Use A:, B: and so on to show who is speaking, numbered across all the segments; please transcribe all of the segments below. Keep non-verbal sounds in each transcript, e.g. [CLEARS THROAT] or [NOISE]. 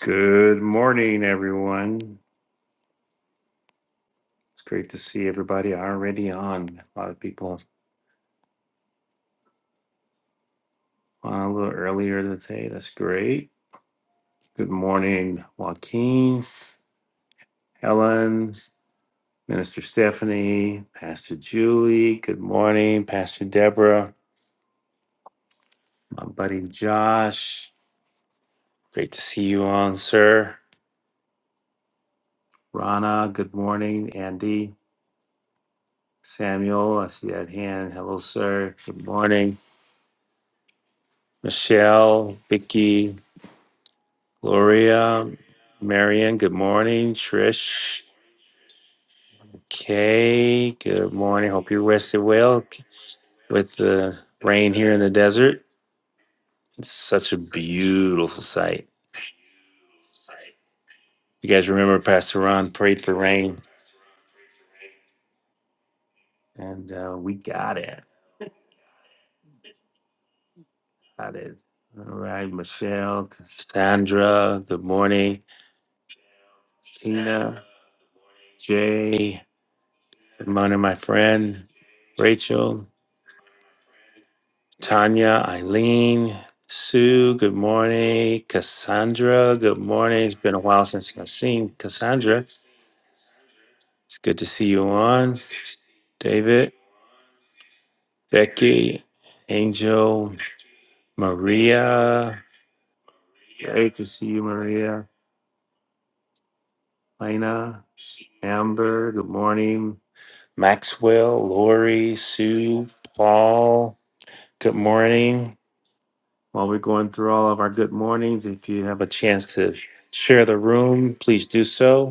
A: Good morning, everyone. It's great to see everybody already on. A lot of people on a little earlier today. That's great. Good morning, Joaquin, Helen, Minister Stephanie, Pastor Julie. Good morning, Pastor Deborah, my buddy Josh. Great to see you on, sir. Rana, good morning. Andy, Samuel, I see that hand. Hello, sir. Good morning. Michelle, Vicky, Gloria, Marion, good morning. Trish, Kay, good morning. Hope you rested well with the rain here in the desert. It's such a beautiful sight. You guys remember Pastor Ron prayed for rain, and uh, we got it. Got it. All right, Michelle, Cassandra, good morning. Tina, Jay, good morning, my friend. Rachel, Tanya, Eileen, Sue, good morning. Cassandra, good morning. It's been a while since I've seen Cassandra. It's good to see you on. David, Becky, Angel, Maria. Great to see you, Maria. Lena, Amber, good morning. Maxwell, Lori, Sue, Paul, good morning. While we're going through all of our good mornings, if you have a chance to share the room, please do so.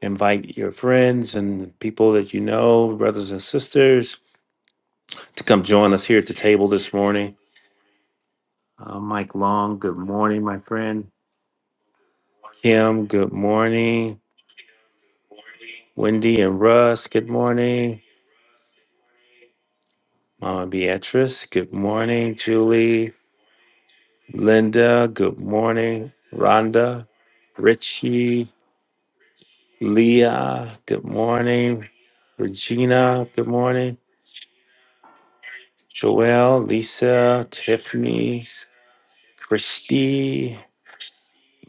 A: Invite your friends and people that you know, brothers and sisters, to come join us here at the table this morning. Uh, Mike Long, good morning, my friend. Kim, good morning. Wendy and Russ, good morning. Mama Beatrice, good morning. Julie, Linda, good morning. Rhonda, Richie, Leah, good morning. Regina, good morning. Joelle, Lisa, Tiffany, Christy.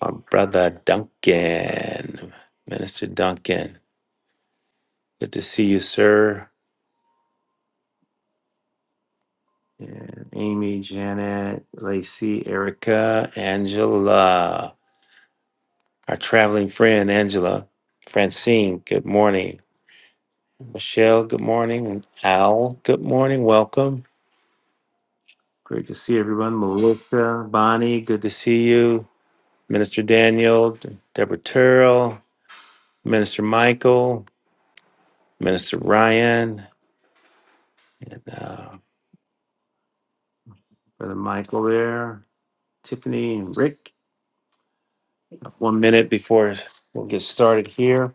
A: my brother Duncan, Minister Duncan. Good to see you, sir. And Amy, Janet, Lacey, Erica, Angela, our traveling friend, Angela, Francine, good morning. Michelle, good morning. And Al, good morning. Welcome. Great to see everyone. Melissa, Bonnie, good to see you. Minister Daniel, Deborah Turrell, Minister Michael, Minister Ryan, and, uh, Brother Michael there. Tiffany and Rick. One minute before we'll get started here.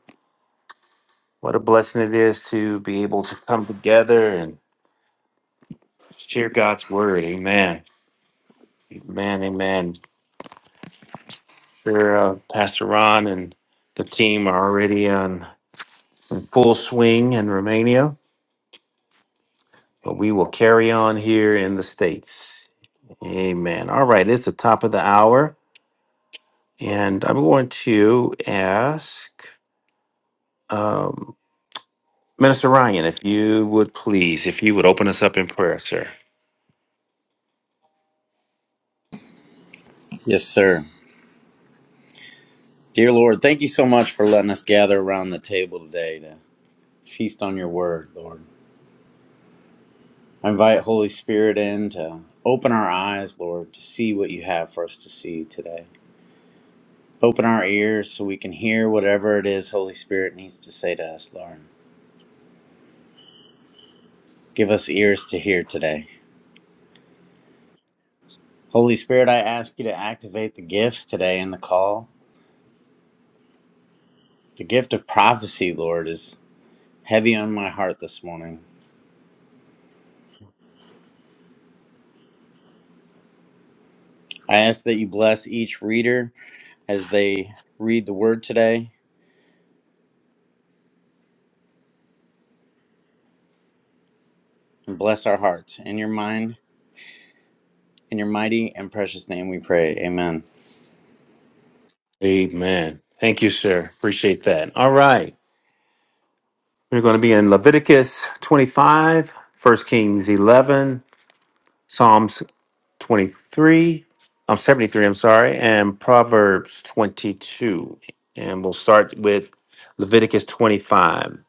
A: What a blessing it is to be able to come together and share God's word. Amen. Amen. Amen. Sure, uh, Pastor Ron and the team are already on in full swing in Romania, but we will carry on here in the States. Amen. All right, it's the top of the hour, and I'm going to ask. um, Minister Ryan, if you would please, if you would open us up in prayer, sir.
B: Yes, sir. Dear Lord, thank you so much for letting us gather around the table today to feast on your word, Lord. I invite Holy Spirit in to open our eyes, Lord, to see what you have for us to see today. Open our ears so we can hear whatever it is Holy Spirit needs to say to us, Lord. Give us ears to hear today. Holy Spirit, I ask you to activate the gifts today in the call. The gift of prophecy, Lord, is heavy on my heart this morning. I ask that you bless each reader as they read the word today and bless our hearts. In your mind, in your mighty and precious name we pray. Amen.
A: Amen. Thank you, sir. Appreciate that. All right. We're going to be in Leviticus 25, First Kings 11, Psalms 23, um, 73, I'm sorry, and Proverbs 22. And we'll start with Leviticus 25.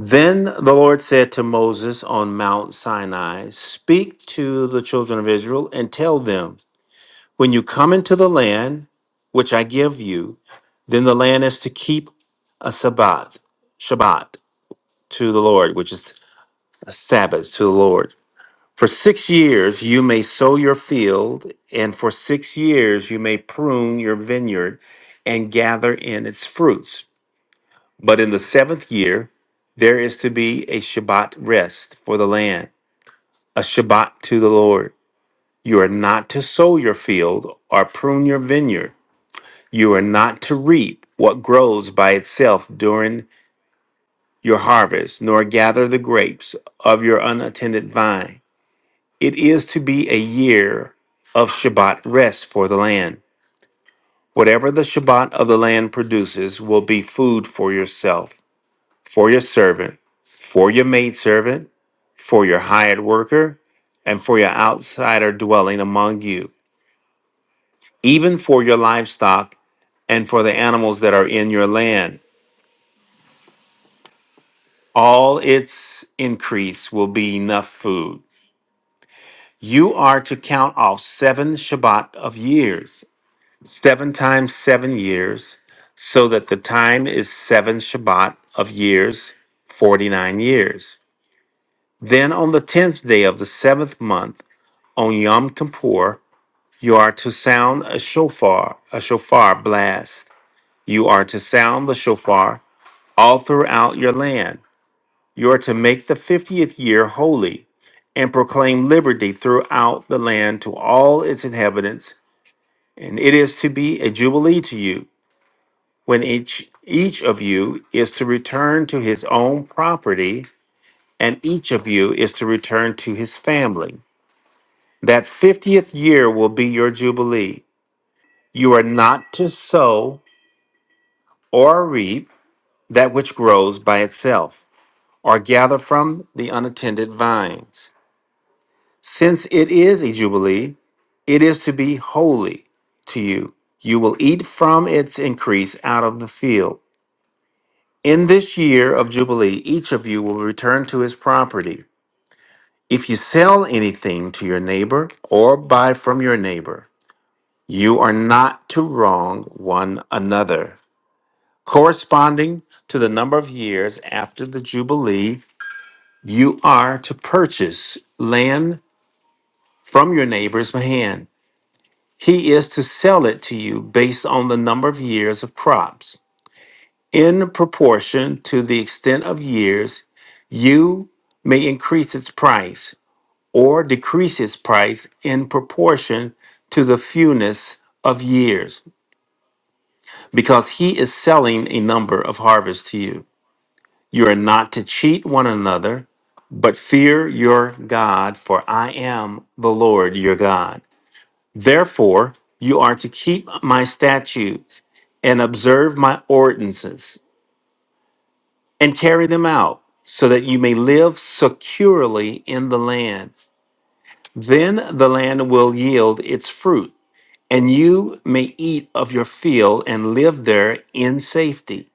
A: Then the Lord said to Moses on Mount Sinai, Speak to the children of Israel and tell them, When you come into the land which I give you, then the land is to keep a Sabbath, Shabbat to the Lord, which is a Sabbath to the Lord. For six years you may sow your field, and for six years you may prune your vineyard and gather in its fruits. But in the seventh year there is to be a Shabbat rest for the land, a Shabbat to the Lord. You are not to sow your field or prune your vineyard You are not to reap what grows by itself during your harvest, nor gather the grapes of your unattended vine. It is to be a year of Shabbat rest for the land. Whatever the Shabbat of the land produces will be food for yourself, for your servant, for your maidservant, for your hired worker, and for your outsider dwelling among you, even for your livestock and for the animals that are in your land. All its increase will be enough food. You are to count off seven Shabbat of years, seven times seven years, so that the time is seven Shabbat of years, 49 years. Then on the tenth day of the seventh month, on Yom Kippur, you are to sound a shofar, a shofar blast. You are to sound the shofar all throughout your land. You are to make the 50th year holy and proclaim liberty throughout the land to all its inhabitants, and it is to be a jubilee to you when each each of you is to return to his own property and each of you is to return to his family. That 50th year will be your jubilee. You are not to sow or reap that which grows by itself or gather from the unattended vines. Since it is a jubilee, it is to be holy to you. You will eat from its increase out of the field. In this year of jubilee, each of you will return to his property. If you sell anything to your neighbor or buy from your neighbor, you are not to wrong one another. Corresponding to the number of years after the jubilee, you are to purchase land from your neighbor's hand He is to sell it to you based on the number of years of crops. In proportion to the extent of years, you may increase its price or decrease its price in proportion to the fewness of years, because he is selling a number of harvests to you. You are not to cheat one another, but fear your God, for I am the Lord your God. Therefore, you are to keep my statutes and observe my ordinances and carry them out so that you may live securely in the land. Then the land will yield its fruit, and you may eat of your field and live there in safety.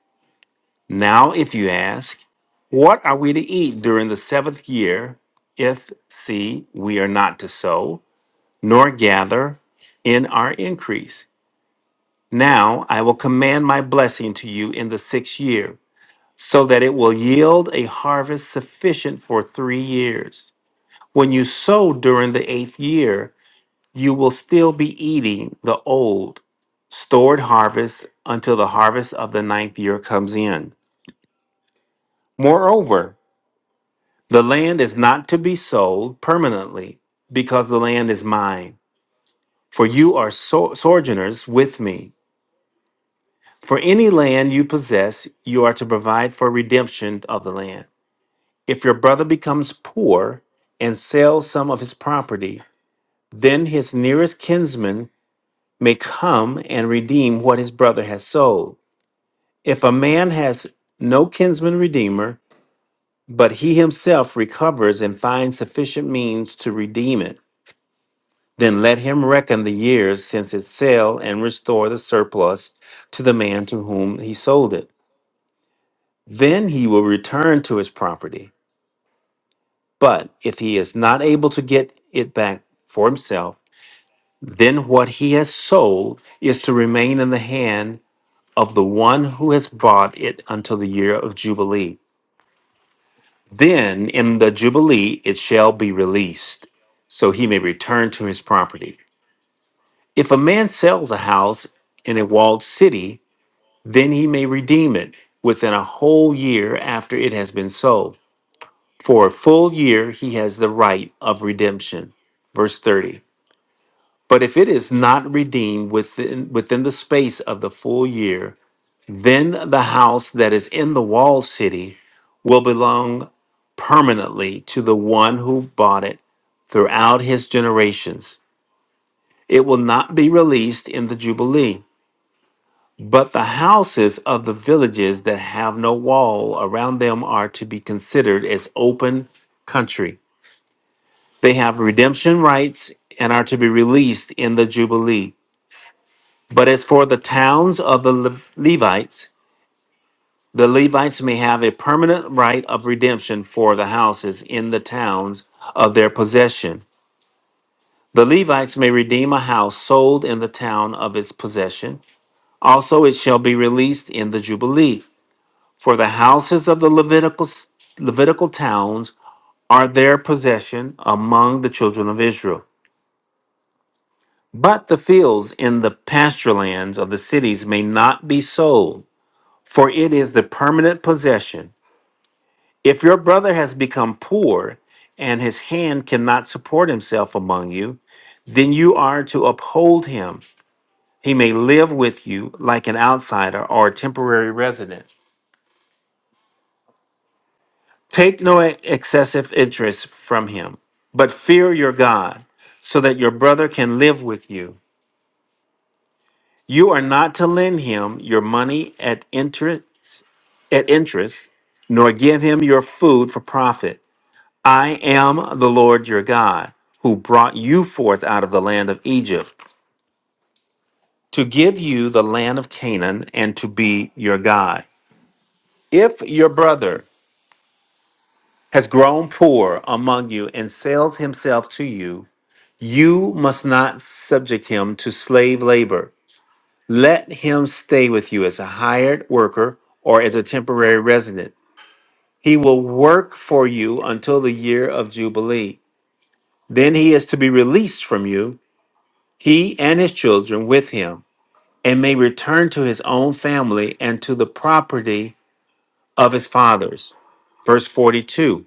A: Now, if you ask, What are we to eat during the seventh year? If, see, we are not to sow, nor gather in our increase. Now I will command my blessing to you in the sixth year, so that it will yield a harvest sufficient for three years. When you sow during the eighth year, you will still be eating the old, stored harvest until the harvest of the ninth year comes in. Moreover, the land is not to be sold permanently, because the land is mine, for you are so- sojourners with me. For any land you possess, you are to provide for redemption of the land. If your brother becomes poor and sells some of his property, then his nearest kinsman may come and redeem what his brother has sold. If a man has no kinsman redeemer, but he himself recovers and finds sufficient means to redeem it, then let him reckon the years since its sale and restore the surplus to the man to whom he sold it. Then he will return to his property. But if he is not able to get it back for himself, then what he has sold is to remain in the hand of the one who has bought it until the year of Jubilee. Then in the Jubilee it shall be released, so he may return to his property. If a man sells a house in a walled city, then he may redeem it within a whole year after it has been sold. For a full year, he has the right of redemption. Verse 30. But if it is not redeemed within, within the space of the full year, then the house that is in the walled city will belong permanently to the one who bought it throughout his generations. It will not be released in the Jubilee, but the houses of the villages that have no wall around them are to be considered as open country They have redemption rights and are to be released in the Jubilee. But as for the towns of the Le- Levites, the Levites may have a permanent right of redemption for the houses in the towns of their possession. The Levites may redeem a house sold in the town of its possession. Also, it shall be released in the Jubilee. For the houses of the Levitical, Levitical towns are their possession among the children of Israel. But the fields in the pasture lands of the cities may not be sold, for it is the permanent possession. If your brother has become poor and his hand cannot support himself among you, then you are to uphold him. He may live with you like an outsider or a temporary resident. Take no excessive interest from him, but fear your God, so that your brother can live with you. You are not to lend him your money at interest at interest, nor give him your food for profit. I am the Lord your God, who brought you forth out of the land of Egypt, to give you the land of Canaan and to be your God. If your brother has grown poor among you and sells himself to you, you must not subject him to slave labor. Let him stay with you as a hired worker or as a temporary resident. He will work for you until the year of Jubilee Then he is to be released from you, he and his children with him, and may return to his own family and to the property of his fathers. Verse 42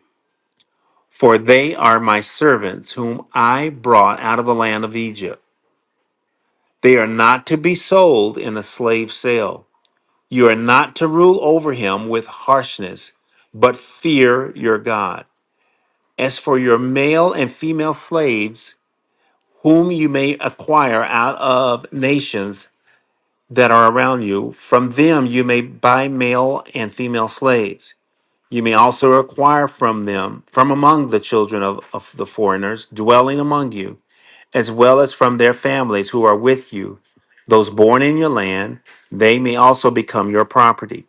A: For they are my servants, whom I brought out of the land of Egypt. They are not to be sold in a slave sale. You are not to rule over him with harshness, but fear your God. As for your male and female slaves, whom you may acquire out of nations, that are around you. From them you may buy male and female slaves. You may also acquire from them, from among the children of, of the foreigners dwelling among you, as well as from their families who are with you, those born in your land, they may also become your property.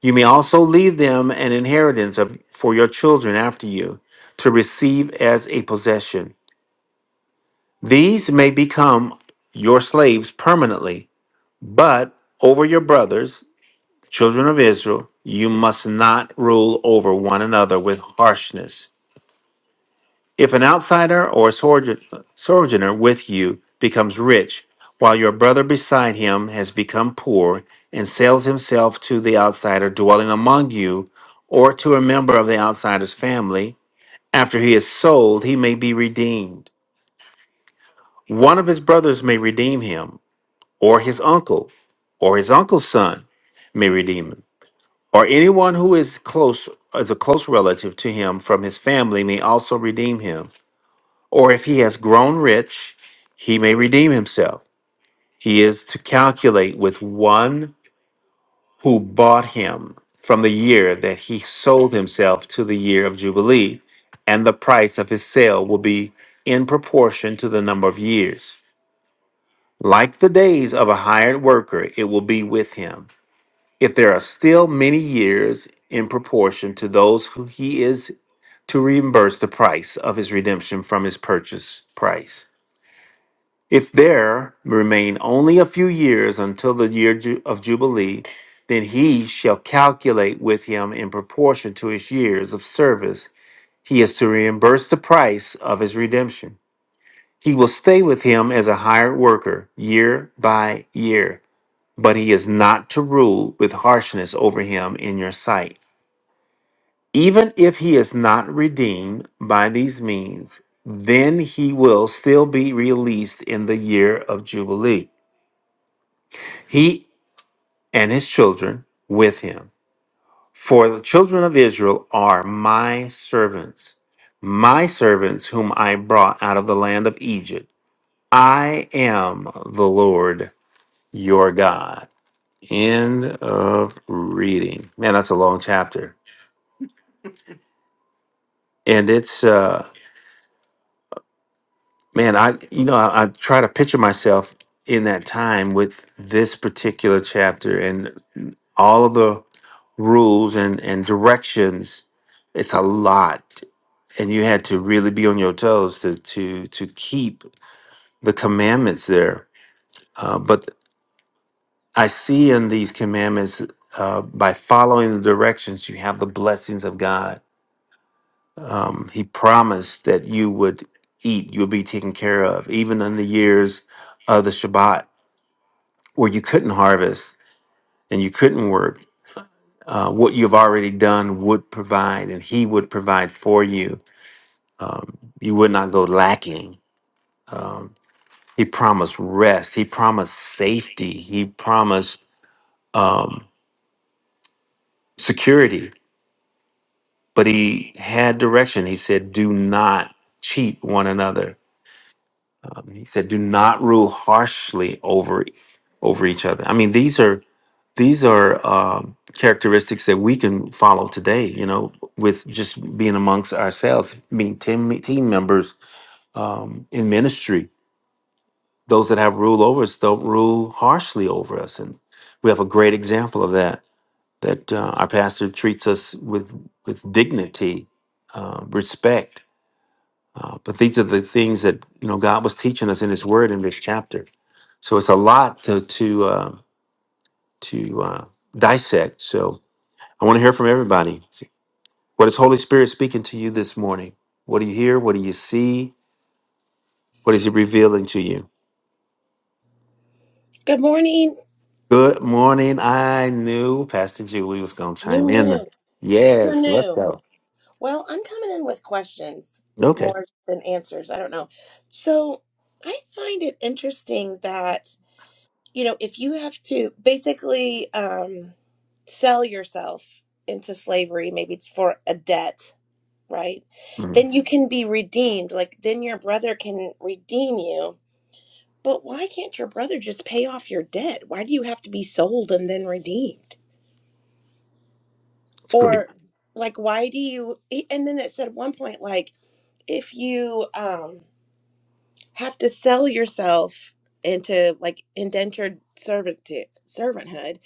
A: You may also leave them an inheritance of, for your children after you to receive as a possession. These may become your slaves permanently, but over your brothers, Children of Israel, you must not rule over one another with harshness. If an outsider or sojourn- sojourner with you becomes rich, while your brother beside him has become poor and sells himself to the outsider dwelling among you, or to a member of the outsider's family, after he is sold, he may be redeemed. One of his brothers may redeem him, or his uncle, or his uncle's son may redeem him. or anyone who is close as a close relative to him from his family may also redeem him or if he has grown rich he may redeem himself he is to calculate with one who bought him from the year that he sold himself to the year of jubilee and the price of his sale will be in proportion to the number of years like the days of a hired worker it will be with him if there are still many years in proportion to those who he is to reimburse the price of his redemption from his purchase price. If there remain only a few years until the year ju- of Jubilee, then he shall calculate with him in proportion to his years of service. He is to reimburse the price of his redemption. He will stay with him as a hired worker year by year, but he is not to rule with harshness over him in your sight. Even if he is not redeemed by these means, then he will still be released in the year of Jubilee, he and his children with him. For the children of Israel are my servants, my servants whom I brought out of the land of Egypt. I am the Lord your God. End of reading. Man, that's a long chapter. And it's uh Man, I you know I, I try to picture myself in that time with this particular chapter and all of the rules and and directions. It's a lot, and you had to really be on your toes to to to keep the commandments there. Uh, but I see in these commandments, uh, by following the directions, you have the blessings of God. Um, he promised that you would eat, you would be taken care of, even in the years of the Shabbat or you couldn't harvest and you couldn't work, uh, what you've already done would provide, and He would provide for you. Um, you would not go lacking. Um, he promised rest. He promised safety. He promised um, security. But He had direction. He said, "Do not cheat one another." Um, he said, "Do not rule harshly over over each other." I mean, these are these are um, characteristics that we can follow today you know with just being amongst ourselves being team, team members um, in ministry those that have rule over us don't rule harshly over us and we have a great example of that that uh, our pastor treats us with with dignity uh, respect uh, but these are the things that you know god was teaching us in his word in this chapter so it's a lot to to uh, to uh, dissect so I want to hear from everybody. What is Holy Spirit speaking to you this morning? What do you hear? What do you see? What is He revealing to you?
C: Good morning.
A: Good morning. I knew Pastor Julie was going to
C: You
A: chime in.
C: knew. You
A: Yes, let's
C: knew.
A: go.
C: Well, I'm coming in with questions
A: Okay,
C: more than answers. I don't know. So I find it interesting that, you know, if you have to basically um, sell yourself into slavery, maybe it's for a debt, right?
A: Mhm.
C: Then you can be redeemed. Like, then your brother can redeem you. But why can't your brother just pay off your debt? Why do you have to be sold and then redeemed?
A: it's great.
C: or like why do you e, and then it said at one point like if you um have to sell yourself into like indentured servitude servanthood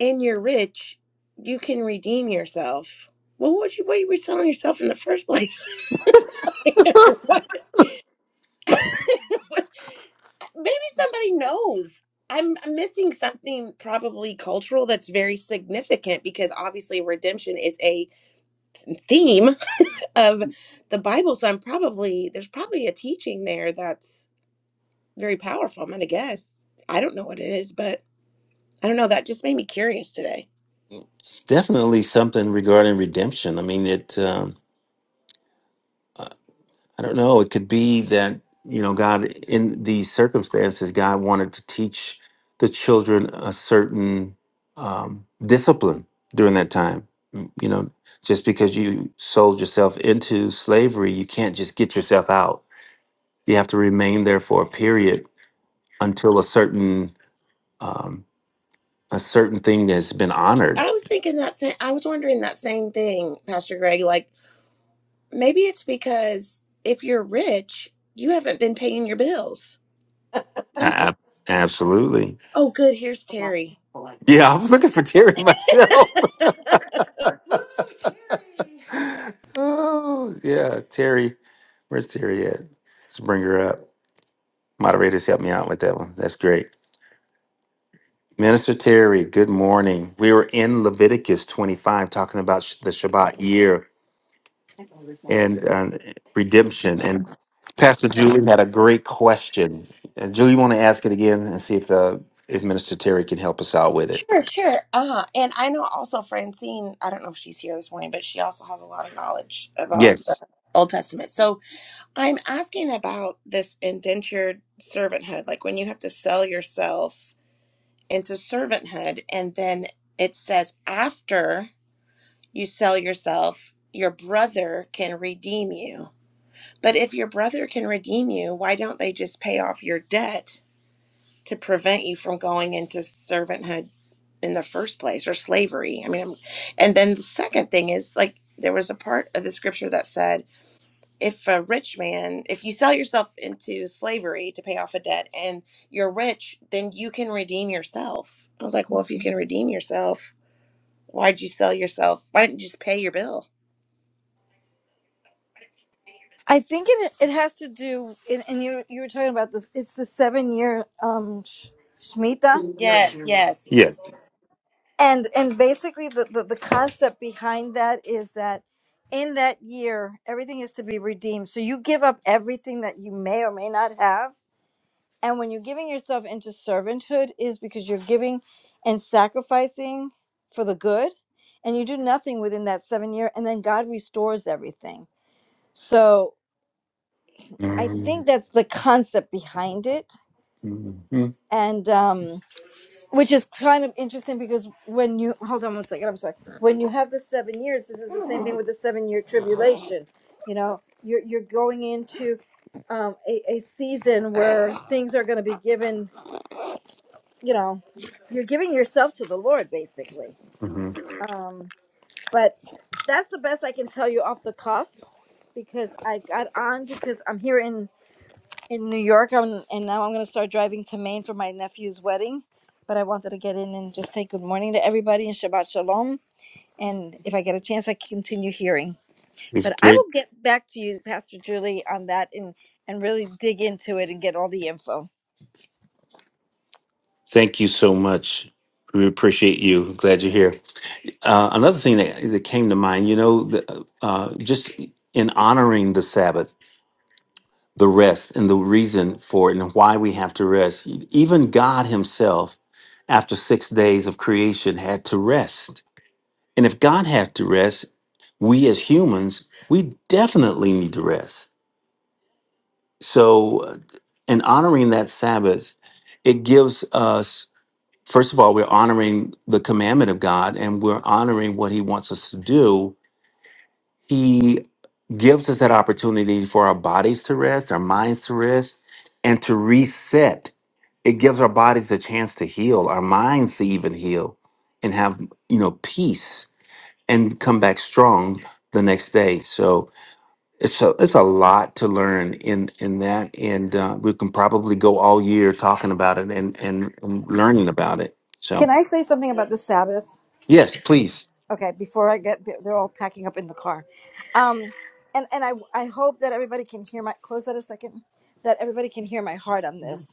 C: and you're rich you can redeem yourself well what you why were you selling yourself in the first place [LAUGHS] Why- maybe somebody knows I'm, I'm missing something probably cultural that's very significant because obviously redemption is a theme of the Bible. So I'm probably there's probably a teaching there that's very powerful. I'm gonna guess. I don't know what it is, but I don't know. That just made me curious today.
A: It's definitely something regarding redemption. I mean, it. Um, I don't know. It could be that, you know, God, in these circumstances, God wanted to teach the children a certain um, discipline during that time. Mm, You know, just because you sold yourself into slavery, you can't just get yourself out. You have to remain there for a period until a certain um, a certain thing has been honored.
C: I was thinking that same, I was wondering that same thing, Pastor Greg. Like maybe it's because if you're rich, you haven't been paying your bills or
A: A-
C: something.
A: ab- absolutely.
C: Oh, good. Here's Terry.
A: Yeah, I was looking for Terry [LAUGHS] myself. oh yeah, Terry. Where's Terry at? Let's bring her up. Moderators, help me out with that one. That's great. Minister Terry, good morning. We were in Leviticus 25 talking about sh- the Shabbat year and uh, redemption. And Pastor Julie had a great question. And Julie, you want to ask it again and see if uh, if Minister Terry can help us out with it?
C: Sure, sure. Uh, and I know also Francine, I don't know if she's here this morning, but she also has a lot of knowledge about the
A: Yes.
C: Old Testament. So I'm asking about this indentured servanthood, like when you have to sell yourself into servanthood, and then it says after you sell yourself, your brother can redeem you. But if your brother can redeem you, why don't they just pay off your debt to prevent you from going into servanthood in the first place or slavery. I mean, and then the second thing is like there was a part of the scripture that said, if a rich man, if you sell yourself into slavery to pay off a debt and you're rich, then you can redeem yourself. I was like, well, if you can redeem yourself, why'd you sell yourself? Why didn't you just pay your bill?
D: I think it it has to do, and, and you you were talking about this. It's the seven year um sh- shemitah,
C: Yes, yes.
A: Yes.
D: and and basically the, the the concept behind that is that in that year everything is to be redeemed. So you give up everything that you may or may not have, and when you're giving yourself into servanthood, is because you're giving and sacrificing for the good, and you do nothing within that seven year, and then God restores everything. So I think
A: Mhm.
D: that's the concept behind it
A: Mhm.
D: and um which is kind of interesting because when you hold on one second i'm sorry when you have the seven years this is the same thing with the seven year tribulation you know you're you're going into um a, a season where things are going to be given you know you're giving yourself to the lord basically
A: Mhm.
D: um but that's the best i can tell you off the cuff because i got on because i'm here in New York, I'm, and now I'm gonna start driving to Maine for my nephew's wedding. But I wanted to get in and just say good morning to everybody and Shabbat Shalom. And if I get a chance, I continue hearing.
A: It's
D: But I
A: great.
D: will get back to you, Pastor Julie, on that and and really dig into it and get all the info.
A: Thank you so much. We appreciate you. Glad you're here. Uh, another thing that, that came to mind, you know, the, uh, uh, just in honoring the Sabbath, the rest, and the reason for it, and why we have to rest, even God Himself, after six days of creation, had to rest. And if God had to rest, we as humans, we definitely need to rest. So, uh, in honoring that Sabbath, it gives us first of all, we're honoring the commandment of God and we're honoring what He wants us to do. He gives us that opportunity for our bodies to rest, our minds to rest, and to reset. It gives our bodies a chance to heal, our minds to even heal and have, you know, peace and come back strong the next day. So it's a, it's a lot to learn in in that and uh, we can probably go all year talking about it and and, and learning about it. So.
D: Can I say something about the Sabbath?
A: Yes, please.
D: Okay, before I get, they're they're all packing up in the car. Um, and and I I hope that everybody can hear my close that a second. That everybody can hear my heart on this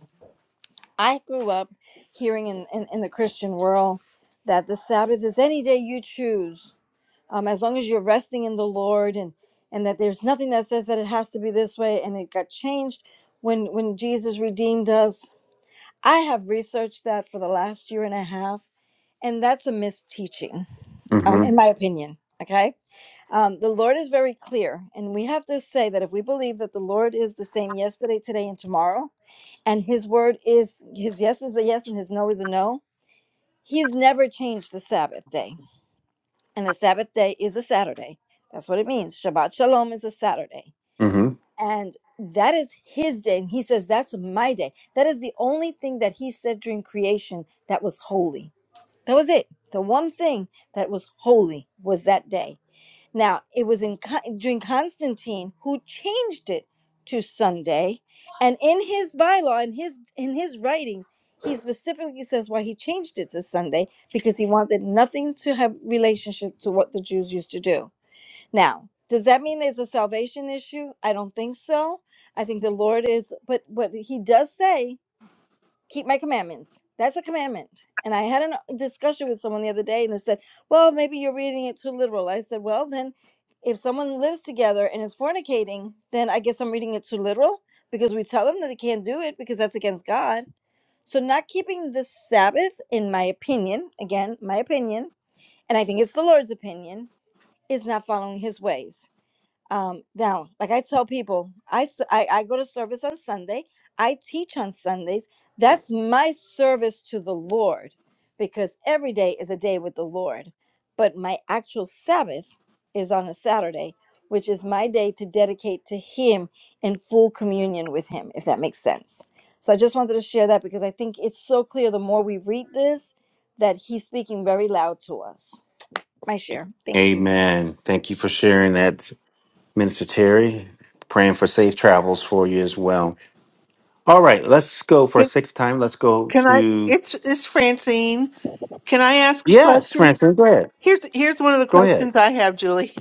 D: I grew up hearing in, in, in the Christian world that the Sabbath is any day you choose, um, as long as you're resting in the Lord, and and that there's nothing that says that it has to be this way. And it got changed when when Jesus redeemed us. I have researched that for the last year and a half, and that's a misteaching, um,
A: hmm
D: in my opinion. Okay, um, the Lord is very clear, and we have to say that if we believe that the Lord is the same yesterday, today, and tomorrow and his word is his yes is a yes and his no is a no. He's never changed the Sabbath day. And the Sabbath day is a Saturday. That's what it means. Shabbat Shalom is a Saturday.
A: hmm
D: And that is his day. And he says, That's my day. That is the only thing that he said during creation that was holy. That was it. The one thing that was holy was that day. Now, it was in Con- during Constantine who changed it to Sunday, and in his bylaw, in his in his writings, he specifically says why he changed it to Sunday because he wanted nothing to have relationship to what the Jews used to do. Now, does that mean there's a salvation issue? I don't think so. I think the Lord is, but what he does say keep my commandments. That's a commandment. And I had a discussion with someone the other day and they said, well, maybe you're reading it too literal. I said, well, then if someone lives together and is fornicating, then I guess I'm reading it too literal because we tell them that they can't do it because that's against God. So, not keeping the Sabbath, in my opinion, again, my opinion, and I think it's the Lord's opinion, is not following his ways. Um, now, like I tell people, I, s- I I go to service on Sunday. I teach on Sundays. That's my service to the Lord, because every day is a day with the Lord. But my actual Sabbath is on a Saturday, which is my day to dedicate to Him in full communion with Him, if that makes sense. So I just wanted to share that because I think it's so clear the more we read this that He's speaking very loud to us. My share. Thank you.
A: Amen. Thank you for sharing that, Minister Terry. Praying for safe travels for you as well. All right, let's go for a
E: Can
A: sixth time. Let's go
E: can I?
A: to
E: It's it's Francine. Can I ask a
A: yes,
E: question?
A: Francis. Go ahead.
E: Here's here's one of the
A: Go ahead.
E: questions I have, Julie.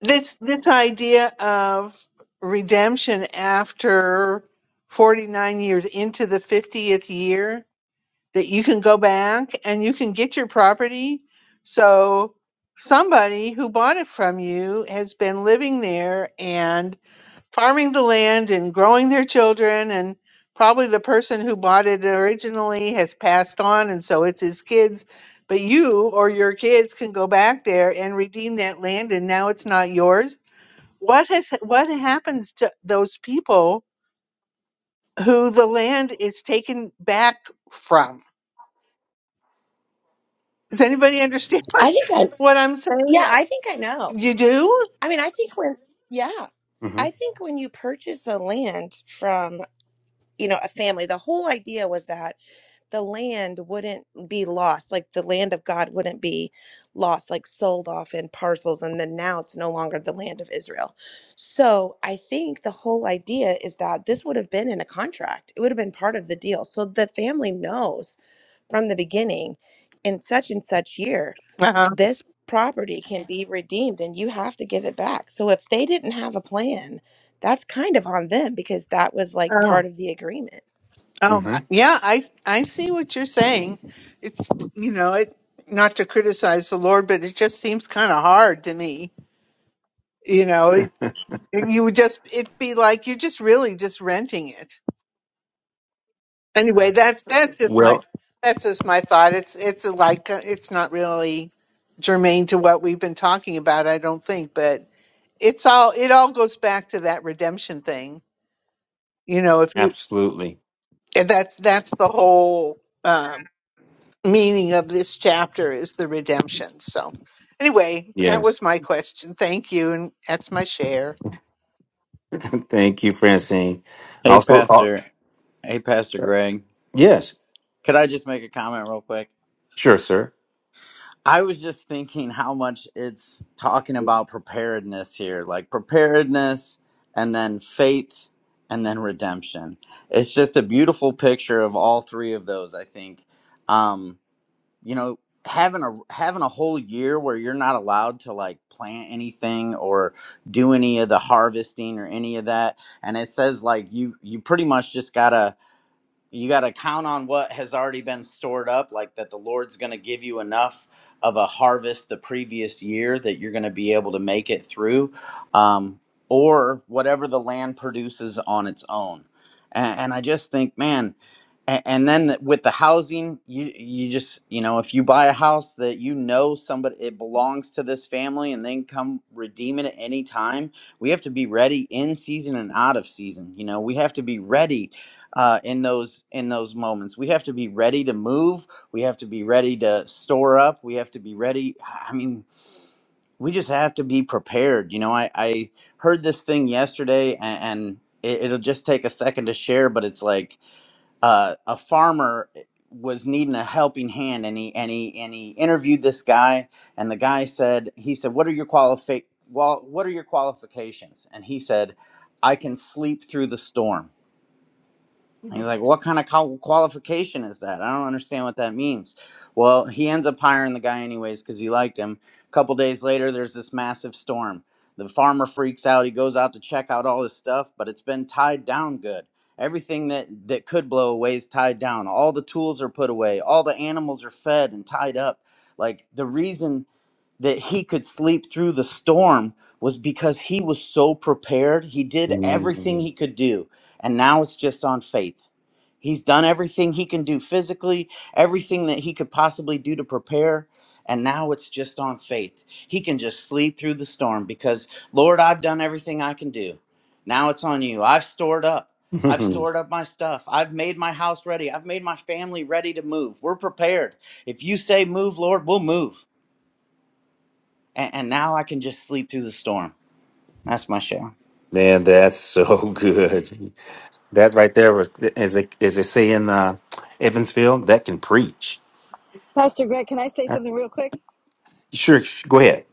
E: This this idea of redemption after 49 years into the 50th year that you can go back and you can get your property. So somebody who bought it from you has been living there and. farming the land and growing their children and probably the person who bought it originally has passed on and so it's his kids but you or your kids can go back there and redeem that land and now it's not yours what has what happens to those people who the land is taken back from does anybody understand [LAUGHS] what,
C: I think I,
E: i'm saying
C: yeah, I think I know.
E: you do
C: I mean, I think when, yeah,
A: hmm
C: I think when you purchase the land from. you know, a family. The whole idea was that the land wouldn't be lost, like the land of God wouldn't be lost, like sold off in parcels, and then now it's no longer the land of Israel. So I think the whole idea is that this would have been in a contract, it would have been part of the deal. So the family knows from the beginning in such and such year
E: uh-huh
C: this property can be redeemed and you have to give it back so if they didn't have a plan that's kind of on them because that was like part of the agreement
E: Oh,
A: hmm
E: yeah, I I see what you're saying. It's you know, it not to criticize the Lord, but it just seems kind of hard to me. You know, it's
A: [LAUGHS]
E: you would just it'd be like you're just really just renting it. Anyway, that's that's just my
A: well,
E: that's just my thought. It's it's like uh, it's not really germane to what we've been talking about, I don't think, but it's all it all goes back to that redemption thing. You know, if you
A: absolutely.
E: and that's that's the whole um, meaning of this chapter is the redemption. So, anyway, that was
A: Yes.
E: my question. Thank you. And that's my share.
A: [LAUGHS] Thank you, Francine.
B: Hey,
A: Also, also,
B: Pastor. Hey, Pastor Greg.
A: yes,
B: Could I just make a comment real quick?
A: sure, sir.
B: I was just thinking how much it's talking about preparedness here like preparedness and then faith and then redemption. It's just a beautiful picture of all three of those, I think. Um, you know having a having a whole year where you're not allowed to like plant anything or do any of the harvesting or any of that and it says like you you pretty much just gotta you got to count on what has already been stored up like that the lord's going to give you enough of a harvest the previous year that you're going to be able to make it through um, or whatever the land produces on its own and, and i just think man and, and then th- with the housing you you just you know if you buy a house that you know somebody it belongs to this family and then come redeem it at any time we have to be ready in season and out of season you know we have to be ready uh, in those in those moments. We have to be ready to move. We have to be ready to store up. We have to be ready. I mean, we just have to be prepared. You know, I, I heard this thing yesterday, and, and it, it'll just take a second to share, but it's like uh, a farmer eh, was needing a helping hand, and he and he and he interviewed this guy, and the guy said, he said, "What are your qualifi- well, What are your qualifications?" And he said, "I can sleep through the storm." And he's like, what kind of qual- qualification is that? I don't understand what that means. Well, he ends up hiring the guy anyways because he liked him. A couple days later, there's this massive storm. The farmer freaks out. He goes out to check out all his stuff, but it's been tied down good. Everything that, that could blow away is tied down. All the tools are put away. All the animals are fed and tied up. Like the reason that he could sleep through the storm was because he was so prepared. He did everything he
A: Mm.
B: could do and now it's just on faith. He's done everything he can do physically, everything that he could possibly do to prepare, and now it's just on faith. He can just sleep through the storm because, Lord, I've done everything I can do. Now it's on you. I've stored up. I've
A: [LAUGHS]
B: stored up my stuff. I've made my house ready. I've made my family ready to move. We're prepared. If you say move, Lord, we'll move. And, and now I can just sleep through the storm. That's my share.
A: Man, that's so [LAUGHS] good. That right there was, as they, as they say in uh, Evansville, that can preach.
D: Pastor Greg, can I say
A: Uh,
D: something real quick?
A: Sure, sh- go ahead.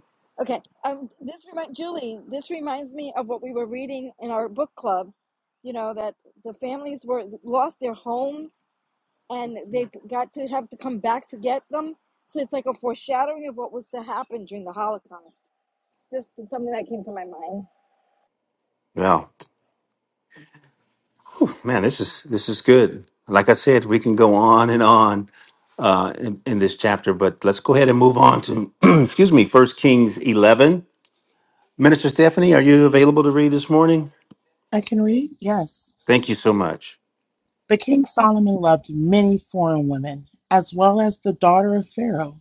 D: Okay. Um, this remind Julie. This reminds me of what we were reading in our book club. You know that the families were lost their homes and they got to have to come back to get them. So it's like a foreshadowing of what was to happen during the Holocaust. Just something that came to my mind.
A: Well, man, this is this is good. Like I said, we can go on and on uh, in, in this chapter, but let's go ahead and move on to [CLEARS THROAT] excuse me, First Kings eleven. Minister Stephanie, are you available to read this morning?
F: I can read? Yes.
A: Thank you so much.
F: But King Solomon loved many foreign women, as well as the daughter of Pharaoh,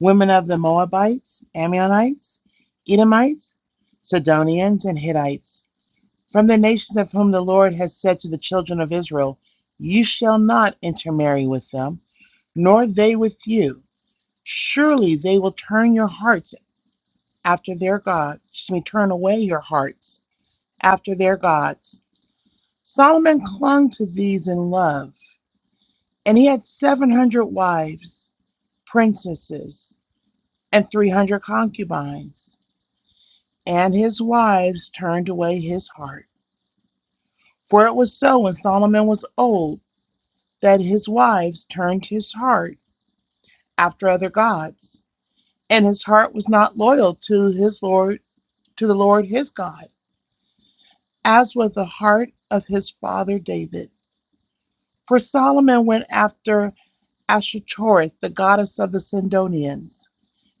F: women of the Moabites, Ammonites, Edomites, Sidonians, and Hittites, from the nations of whom the Lord has said to the children of Israel, You shall not intermarry with them, nor they with you. Surely they will turn your hearts after their gods, excuse me, turn away your hearts after their gods. Solomon clung to these in love. And he had 700 wives, princesses, and 300 concubines. And his wives turned away his heart. For it was so when Solomon was old that his wives turned his heart after other gods, and his heart was not loyal to his Lord, to the Lord his God, as was the heart of his father David. For Solomon went after Ashtoreth, the goddess of the Sidonians,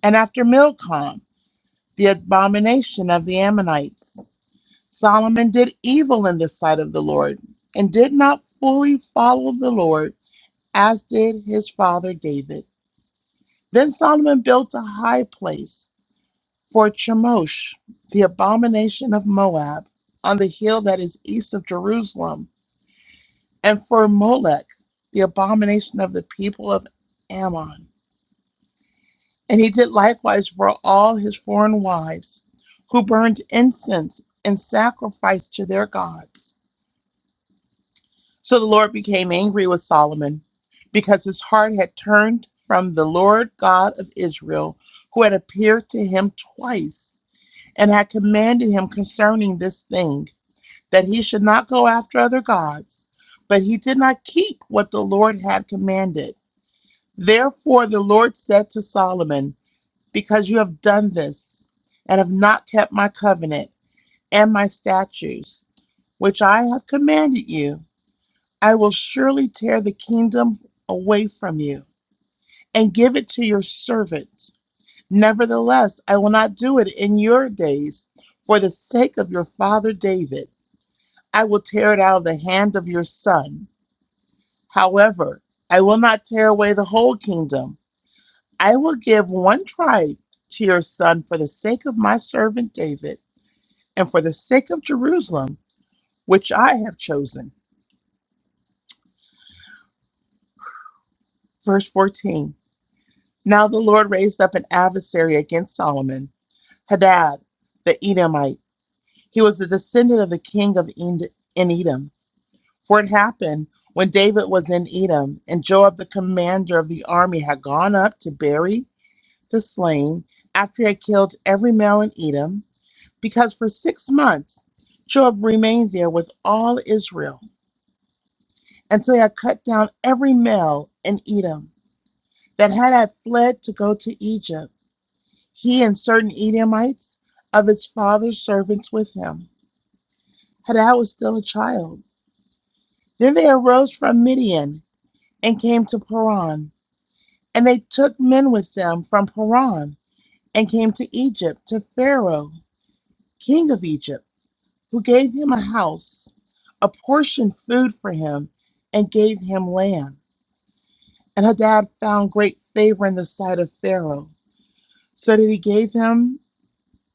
F: and after Milcom the abomination of the Ammonites. Solomon did evil in the sight of the Lord, and did not fully follow the Lord, as did his father David. Then Solomon built a high place for Chemosh, the abomination of Moab, on the hill that is east of Jerusalem, and for Molech, the abomination of the people of Ammon. And he did likewise for all his foreign wives, who burned incense and sacrificed to their gods. So the Lord became angry with Solomon, because his heart had turned from the Lord God of Israel, who had appeared to him twice, and had commanded him concerning this thing, that he should not go after other gods. But he did not keep what the Lord had commanded. Therefore the Lord said to Solomon, because you have done this and have not kept my covenant and my statutes, which I have commanded you, I will surely tear the kingdom away from you and give it to your servant. Nevertheless, I will not do it in your days for the sake of your father David. I will tear it out of the hand of your son. However, I will not tear away the whole kingdom. I will give one tribe to your son for the sake of my servant David and for the sake of Jerusalem, which I have chosen. Verse 14 Now the Lord raised up an adversary against Solomon, Hadad, the Edomite. He was a descendant of the king of Ed- in Edom. For it happened when David was in Edom, and Joab, the commander of the army, had gone up to bury the slain after he had killed every male in Edom, because for six months Joab remained there with all Israel. until I cut down every male in Edom that had I fled to go to Egypt, he and certain Edomites of his father's servants with him, had I was still a child. Then they arose from Midian and came to Paran, and they took men with them from Paran and came to Egypt to Pharaoh, king of Egypt, who gave him a house, apportioned food for him, and gave him land. And Hadad found great favor in the sight of Pharaoh. so that he gave him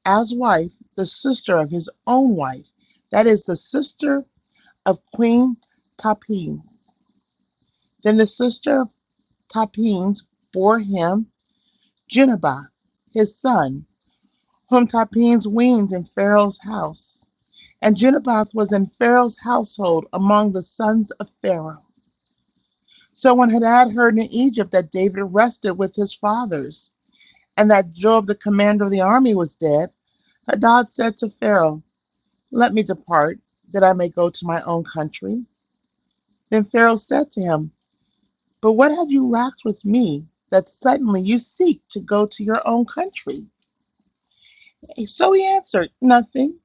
F: as wife the sister of his own wife, that is, the sister of Queen Tapines. Then the sister of Tapines bore him Genubath, his son, whom Tapines weaned in Pharaoh's house. And Genubath was in Pharaoh's household among the sons of Pharaoh. So when Hadad heard in Egypt that David rested with his fathers, and that Joab the commander of the army was dead, Hadad said to Pharaoh, Let me depart, that I may go to my own country. Then Pharaoh said to him, But what have you lacked with me, that suddenly you seek to go to your own country? So he answered, Nothing,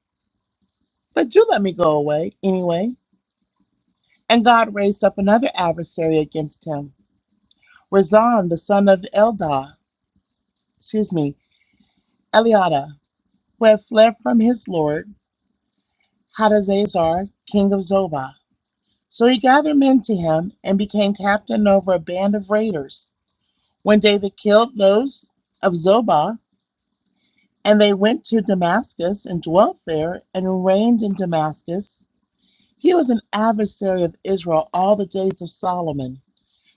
F: but do let me go away anyway. And God raised up another adversary against him, Razan the son of Eldah, excuse me, Eliada, who had fled from his lord, Hadazazar, king of Zobah. So he gathered men to him and became captain over a band of raiders. When David killed those of Zobah, and they went to Damascus and dwelt there and reigned in Damascus, he was an adversary of Israel all the days of Solomon,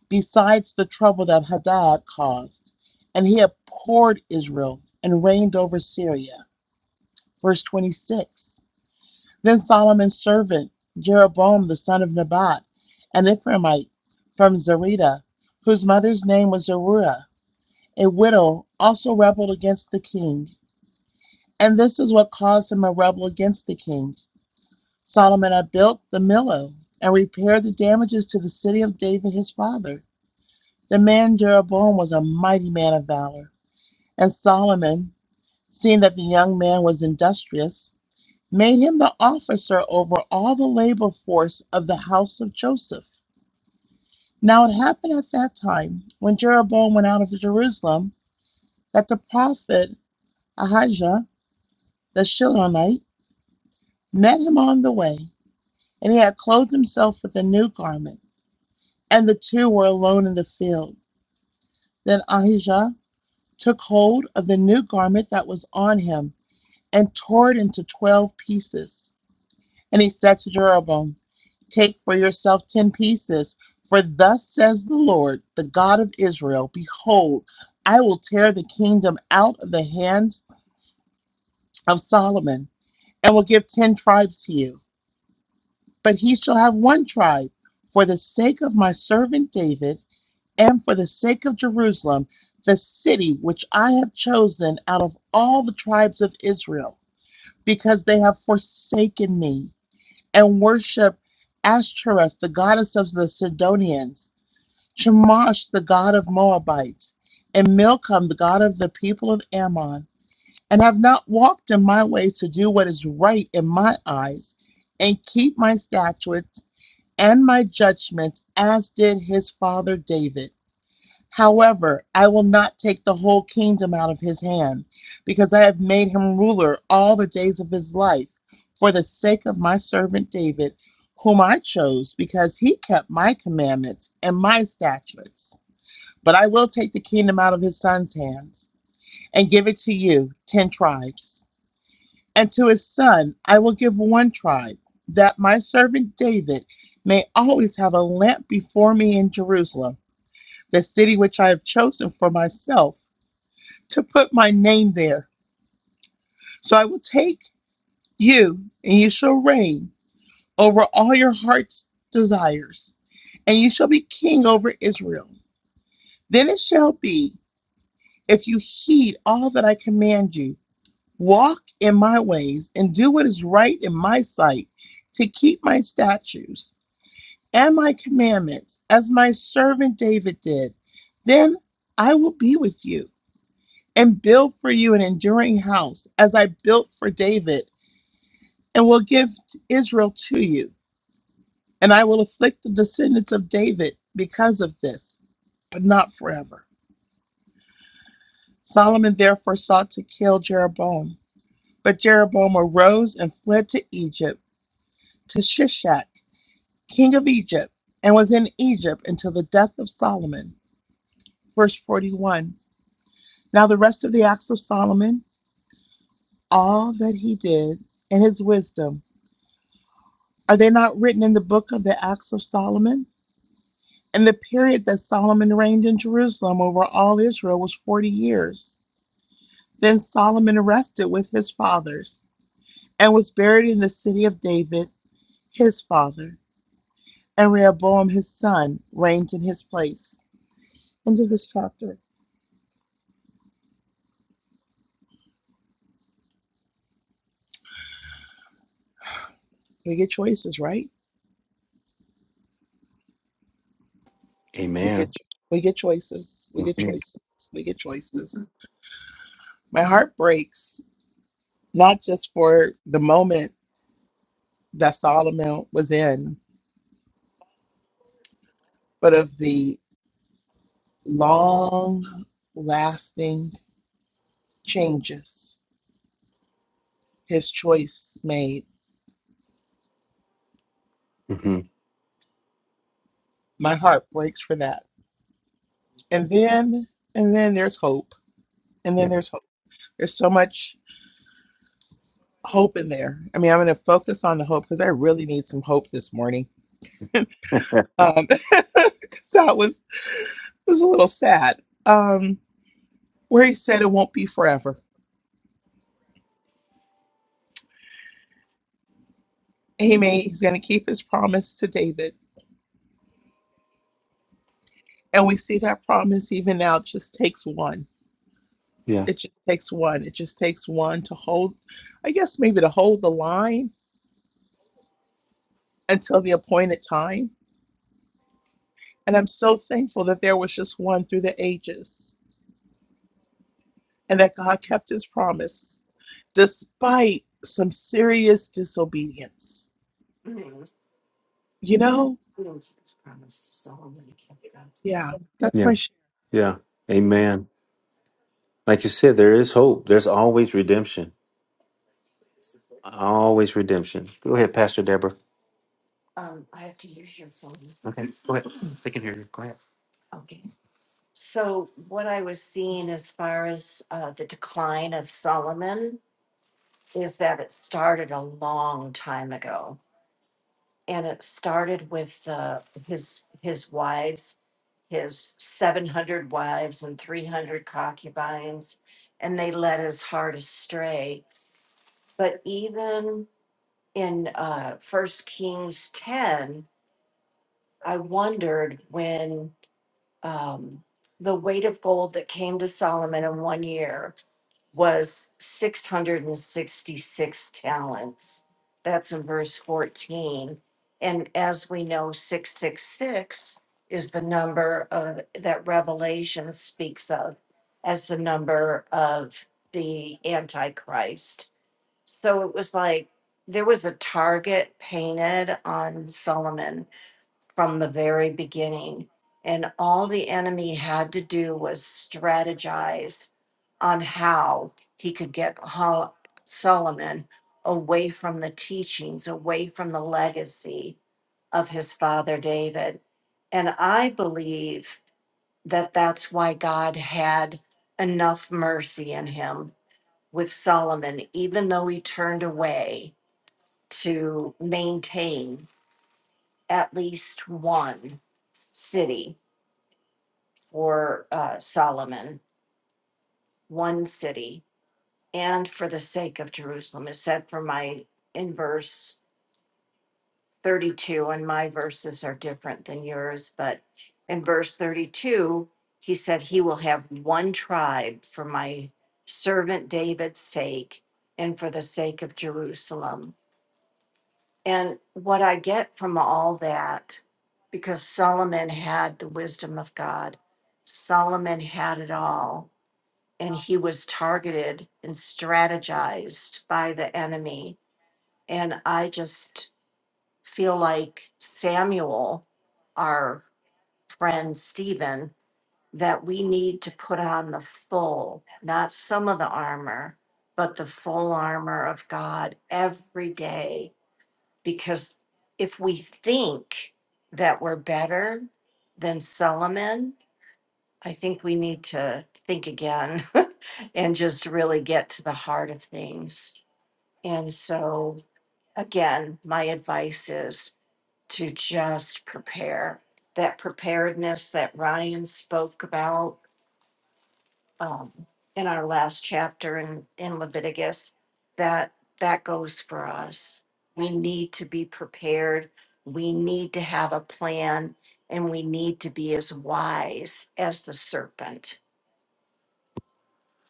F: besides the trouble that Hadad caused. And he abhorred Israel and reigned over Syria. Verse 26 Then Solomon's servant, Jeroboam the son of Nebat, an Ephraimite from Zerida, whose mother's name was Zeruiah, a widow also rebelled against the king, and this is what caused him a rebel against the king. Solomon had built the millow and repaired the damages to the city of David his father. The man Jeroboam was a mighty man of valor, and Solomon, seeing that the young man was industrious, made him the officer over all the labor force of the house of Joseph. Now it happened at that time, when Jeroboam went out of Jerusalem, that the prophet Ahijah the Shilonite, met him on the way, and he had clothed himself with a new garment, and the two were alone in the field. Then Ahijah took hold of the new garment that was on him, and tore it into twelve pieces. And he said to Jeroboam, Take for yourself ten pieces, for thus says the Lord, the God of Israel, Behold, I will tear the kingdom out of the hand of Solomon, and will give ten tribes to you. But he shall have one tribe for the sake of my servant David and for the sake of Jerusalem, the city which I have chosen out of all the tribes of Israel, because they have forsaken me and worship Ashtoreth, the goddess of the Sidonians, Chemosh, the god of Moabites, and Milcom, the god of the people of Ammon, and have not walked in my ways to do what is right in my eyes and keep my statutes and my judgment, as did his father David. However, I will not take the whole kingdom out of his hand, because I have made him ruler all the days of his life, for the sake of my servant David, whom I chose, because he kept my commandments and my statutes. But I will take the kingdom out of his son's hands and give it to you, ten tribes. And to his son, I will give one tribe, that my servant David may always have a lamp before me in Jerusalem, the city which I have chosen for myself, to put my name there. So I will take you, and you shall reign over all your heart's desires, and you shall be king over Israel. Then it shall be, if you heed all that I command you, walk in my ways, and do what is right in my sight, to keep my statutes and my commandments, as my servant David did. Then I will be with you and build for you an enduring house, as I built for David, and will give Israel to you. And I will afflict the descendants of David because of this, but not forever. Solomon therefore sought to kill Jeroboam. But Jeroboam arose and fled to Egypt, to Shishak, king of Egypt, and was in Egypt until the death of Solomon. Verse 41. Now, the rest of the acts of Solomon, all that he did, and his wisdom, are they not written in the book of the acts of Solomon? And the period that Solomon reigned in Jerusalem over all Israel was 40 years. Then Solomon rested with his fathers and was buried in the city of David, his father, and Rehoboam his son reigned in his place. End of this chapter. We get choices, right? We get
A: Amen.
F: we get choices. We get choices. We get choices. My heart breaks not just for the moment that Solomon was in, but of the long lasting changes his choice made.
A: Mm-hmm.
F: My heart breaks for that. And then, and then there's hope. And
A: Yeah.
F: then there's hope. There's so much hope in there. I mean, I'm going to focus on the hope because I really need some hope this morning.
A: [LAUGHS]
F: Um, [LAUGHS] 'cause that was, was a little sad. Um, where he said it won't be forever. Amen. He's going to keep his promise to David And we see that promise even now. It just takes one.
A: yeah.
F: It just takes one. It just takes one to hold, I guess, maybe to hold the line until the appointed time. And I'm so thankful that there was just one through the ages and that God kept his promise despite some serious disobedience. You know? Yeah, that's
A: Yeah.
F: my share.
A: Yeah. Amen. Like you said, there is hope. There's always redemption. Always redemption. Go ahead, Pastor Deborah. Okay. Go ahead. They can hear you. Go ahead.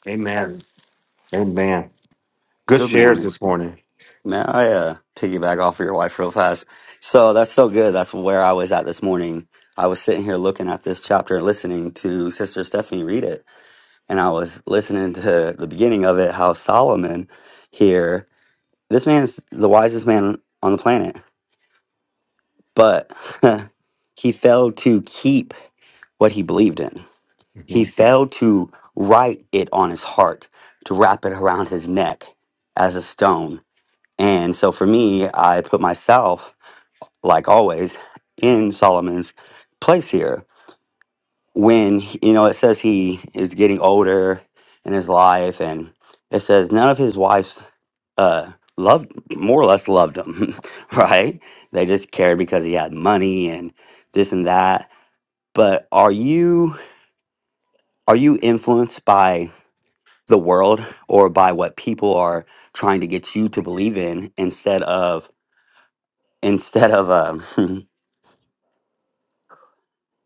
A: Amen. Amen. Good
G: Good
A: shares
G: morning.
A: this morning.
G: Man, I uh, piggyback off of your wife real fast. So that's so good. That's where I was at this morning. I was sitting here looking at this chapter and listening to Sister Stephanie read it. And I was listening to the beginning of it how Solomon here, this man's the wisest man on the planet, but [LAUGHS] he failed to keep what he believed in.
A: hmm
G: He failed to write it on his heart, to wrap it around his neck as a stone And so for me, I put myself, like always, in Solomon's place here. When, you know, it says he is getting older in his life, and it says none of his wives uh, loved, more or less loved him, [LAUGHS] right? They just cared because he had money and this and that. But are you are you influenced by the world or by what people are trying to get you to believe in instead of instead of um [LAUGHS]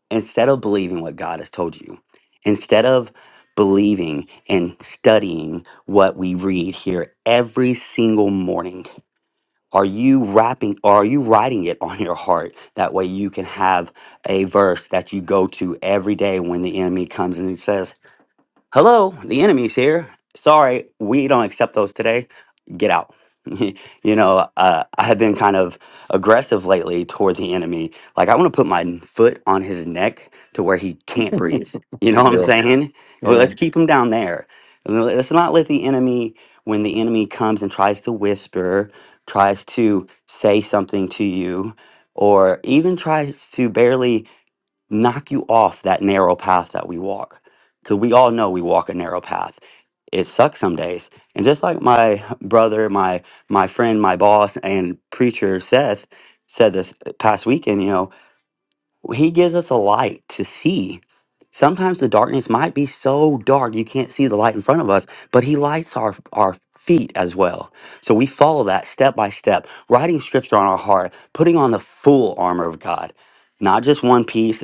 G: instead of believing what God has told you, instead of believing and studying what we read here every single morning, are you wrapping or are you writing it on your heart? That way you can have a verse that you go to every day when the enemy comes and he says, hello, the enemy's here. Sorry, we don't accept those today. Get out. [LAUGHS] you know, uh, I have been kind of aggressive lately toward the enemy. Like, I want to put my n- foot on his neck to where he can't breathe. You know what I'm
A: Yeah.
G: saying? Well,
A: Yeah.
G: let's keep him down there. L- Let's not let the enemy, when the enemy comes and tries to whisper, tries to say something to you, or even tries to barely knock you off that narrow path that we walk. Because we all know we walk a narrow path. It sucks some days. And just like my brother, my my friend, my boss, and preacher Seth said this past weekend, you know, he gives us a light to see. Sometimes the darkness might be so dark you can't see the light in front of us, but he lights our our feet as well. So we follow that step by step, writing scripture on our heart, putting on the full armor of God not just one piece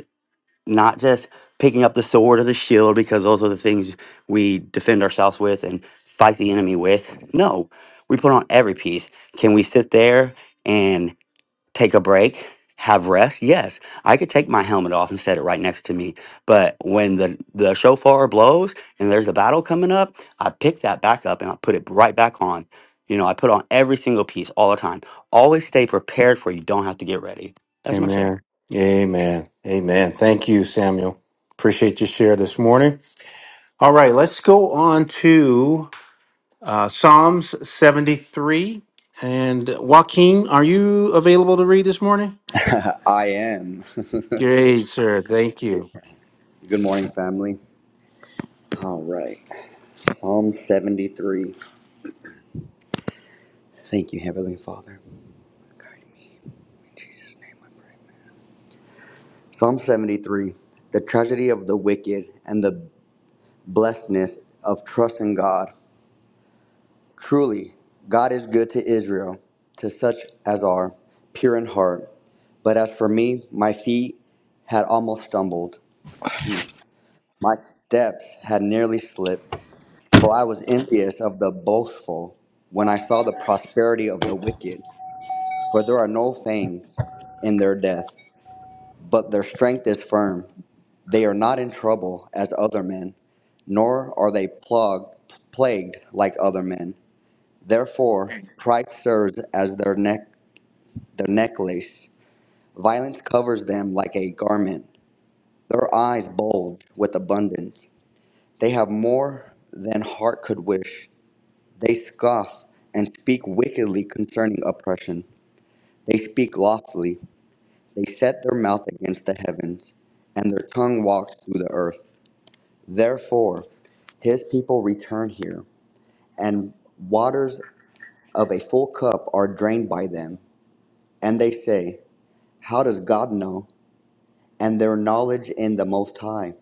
G: not just picking up the sword or the shield because those are the things we defend ourselves with and fight the enemy with. No, we put on every piece. Can we sit there and take a break, have rest? Yes, I could take my helmet off and set it right next to me. But when the the shofar blows and there's a battle coming up, I pick that back up and I put it right back on. You know, I put on every single piece all the time. Always stay prepared for you don't have to get ready. That's my share.
A: Amen. Amen. Amen. Thank you, Samuel. Appreciate your share this morning. All right, let's go on to Uh, Psalms 73. And Joaquin, are you available to read this morning?
H: [LAUGHS] I am. [LAUGHS]
A: Great, sir. Thank you.
H: Good morning, family. All right. Psalm 73. Thank you, Heavenly Father. Guide me. In Jesus' name I pray. Psalm 73. The tragedy of the wicked and the blessedness of trusting God. Truly, God is good to Israel, to such as are pure in heart. But as for me, my feet had almost stumbled. My steps had nearly slipped. For I was envious of the boastful when I saw the prosperity of the wicked. For there are no fangs in their death, but their strength is firm. They are not in trouble as other men, nor are they plugged, plagued like other men. Therefore, pride serves as their neck, their necklace. Violence covers them like a garment. Their eyes bulge with abundance. They have more than heart could wish. They scoff and speak wickedly concerning oppression. They speak loftily. They set their mouth against the heavens, and their tongue walks through the earth. Therefore, his people return here, and waters of a full cup are drained by them. And they say, How does God know? And their knowledge in the Most High.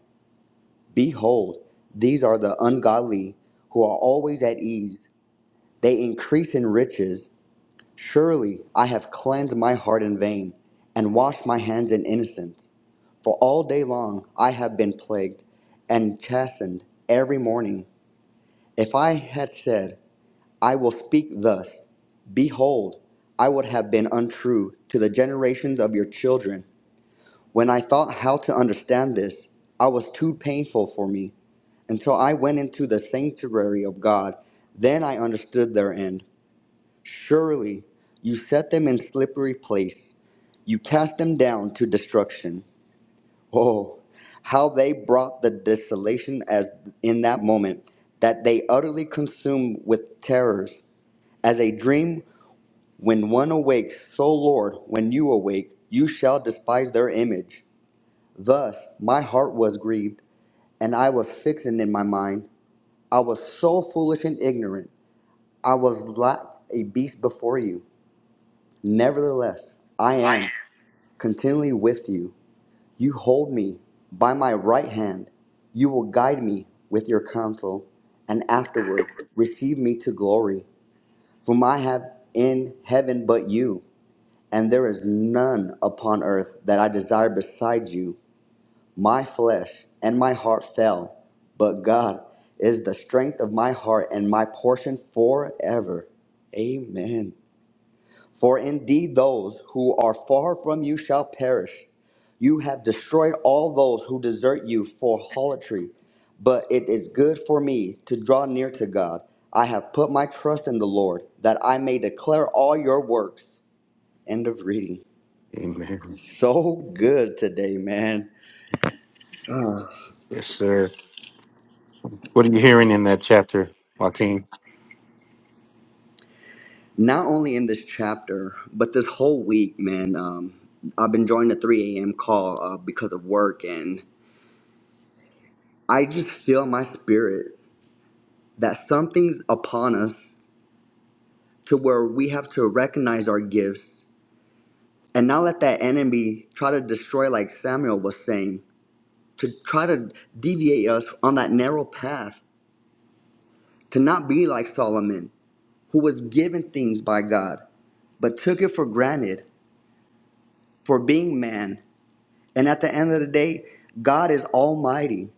H: Behold, these are the ungodly who are always at ease. They increase in riches Surely I have cleansed my heart in vain, and washed my hands in innocence. For all day long I have been plagued and chastened every morning. If I had said, I will speak thus, behold, I would have been untrue to the generations of your children. When I thought how to understand this, I was too painful for me. Until I went into the sanctuary of God, then I understood their end. Surely you set them in slippery place. You cast them down to destruction. Oh, how they brought the desolation as in that moment that they utterly consumed with terrors. As a dream when one awakes, so Lord, when you awake, you shall despise their image. Thus my heart was grieved, and I was fixing in my mind. I was so foolish and ignorant. I was like a beast before you. Nevertheless, I am continually with you. You hold me by my right hand. You will guide me with your counsel, and afterward receive me to glory. Whom I have in heaven but you, and there is none upon earth that I desire beside you. My flesh and my heart fell, but God is the strength of my heart and my portion forever. Amen. For indeed, those who are far from you shall perish. You have destroyed all those who desert you for harlotry, but it is good for me to draw near to God. I have put my trust in the Lord, that I may declare all your works. End of reading.
A: Amen.
H: So good today, man. Mm.
A: Yes, sir. What are you hearing in that chapter, Joaquin?
H: Not only in this chapter, but this whole week, man. Um, I've been joining the 3 a.m. call uh, because of work, and I just feel my spirit. that something's upon us to where we have to recognize our gifts and not let that enemy try to destroy, like Samuel was saying, to try to deviate us on that narrow path, to not be like Solomon, who was given things by God, but took it for granted for being man. And at the end of the day, God is almighty,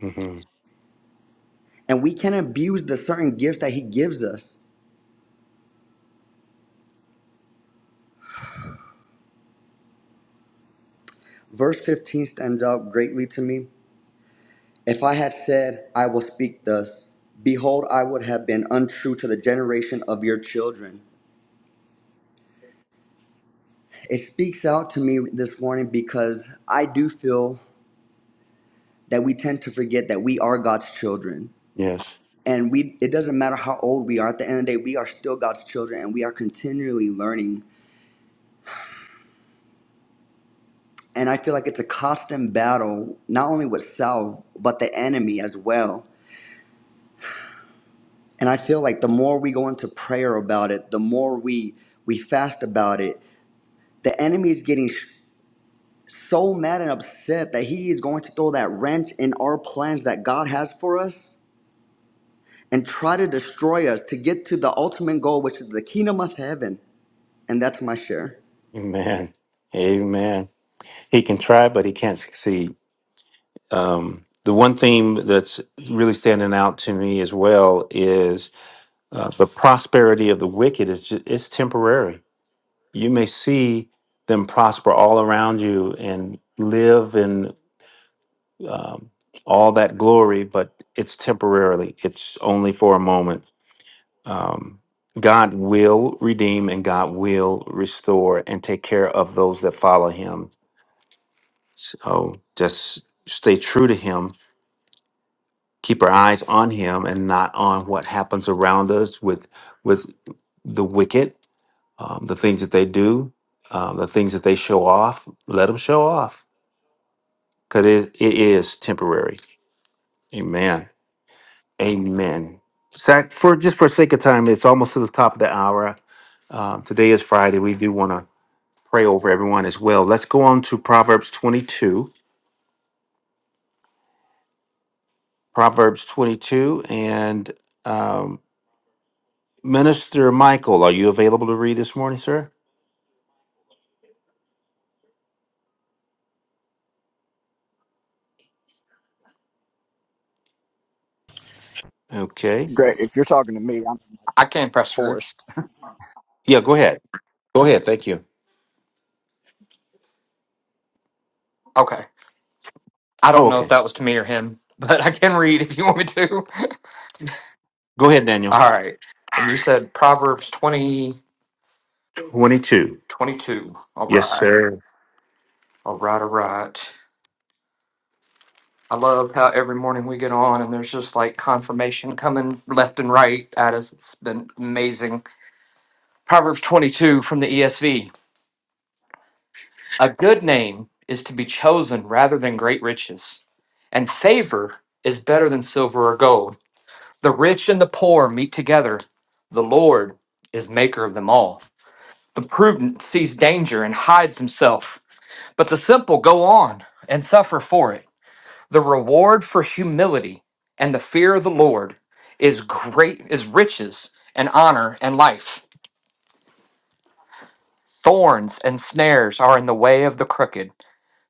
A: hmm
H: and we can abuse the certain gifts that he gives us. Verse 15 stands out greatly to me If I had said, I will speak thus, behold, I would have been untrue to the generation of your children. It speaks out to me this morning because I do feel that we tend to forget that we are God's children.
A: Yes.
H: And we it doesn't matter how old we are, at the end of the day, we are still God's children and we are continually learning. And I feel like it's a constant battle, not only with self, but the enemy as well. And I feel like the more we go into prayer about it, the more we we fast about it, The enemy is getting sh- so mad and upset that he is going to throw that wrench in our plans that God has for us and try to destroy us to get to the ultimate goal, which is the kingdom of heaven. And that's my share.
A: Amen. Amen. He can try, but he can't succeed. Um, the one theme that's really standing out to me as well is. Uh, the prosperity of the wicked is just, it's temporary. You may see them prosper all around you and live in um, all that glory, but it's temporarily. It's only for a moment. Um, God will redeem and God will restore and take care of those that follow Him. So just stay true to Him. Keep our eyes on Him and not on what happens around us with with the wicked um, the things that they do, um, the things that they show off, let them show off because it, it is temporary. Amen. Amen. Zach, for just for sake of time, it's almost to the top of the hour. Um, today is Friday. We do want to pray over everyone as well. Let's go on to Proverbs 22. Proverbs 22 and um, Minister Michael, are you available to read this morning, sir? Okay.
I: Great. If you're talking to me, I'm
J: I can, Pastor Greg.
I: forced.
A: Yeah, go ahead. Go ahead. Thank you.
J: Okay. I
A: Oh,
J: don't know if
A: okay.
J: that was to me or him, [LAUGHS] but I can read if you want me to.
A: Go ahead,
J: [LAUGHS]
A: Daniel.
J: All right. And you said Proverbs twenty
A: 22.
J: twenty All
A: Yes,
J: right.
A: sir.
J: All right. All right. I love how every morning we get on and there's just like confirmation coming left and right at us. It's been amazing. Proverbs 22 from the ESV. A good name is to be chosen rather than great riches, and favor is better than silver or gold. The rich and the poor meet together. The Lord is maker of them all. The prudent sees danger and hides himself, but the simple go on and suffer for it. The reward for humility and the fear of the Lord is great is riches and honor and life. Thorns and snares are in the way of the crooked.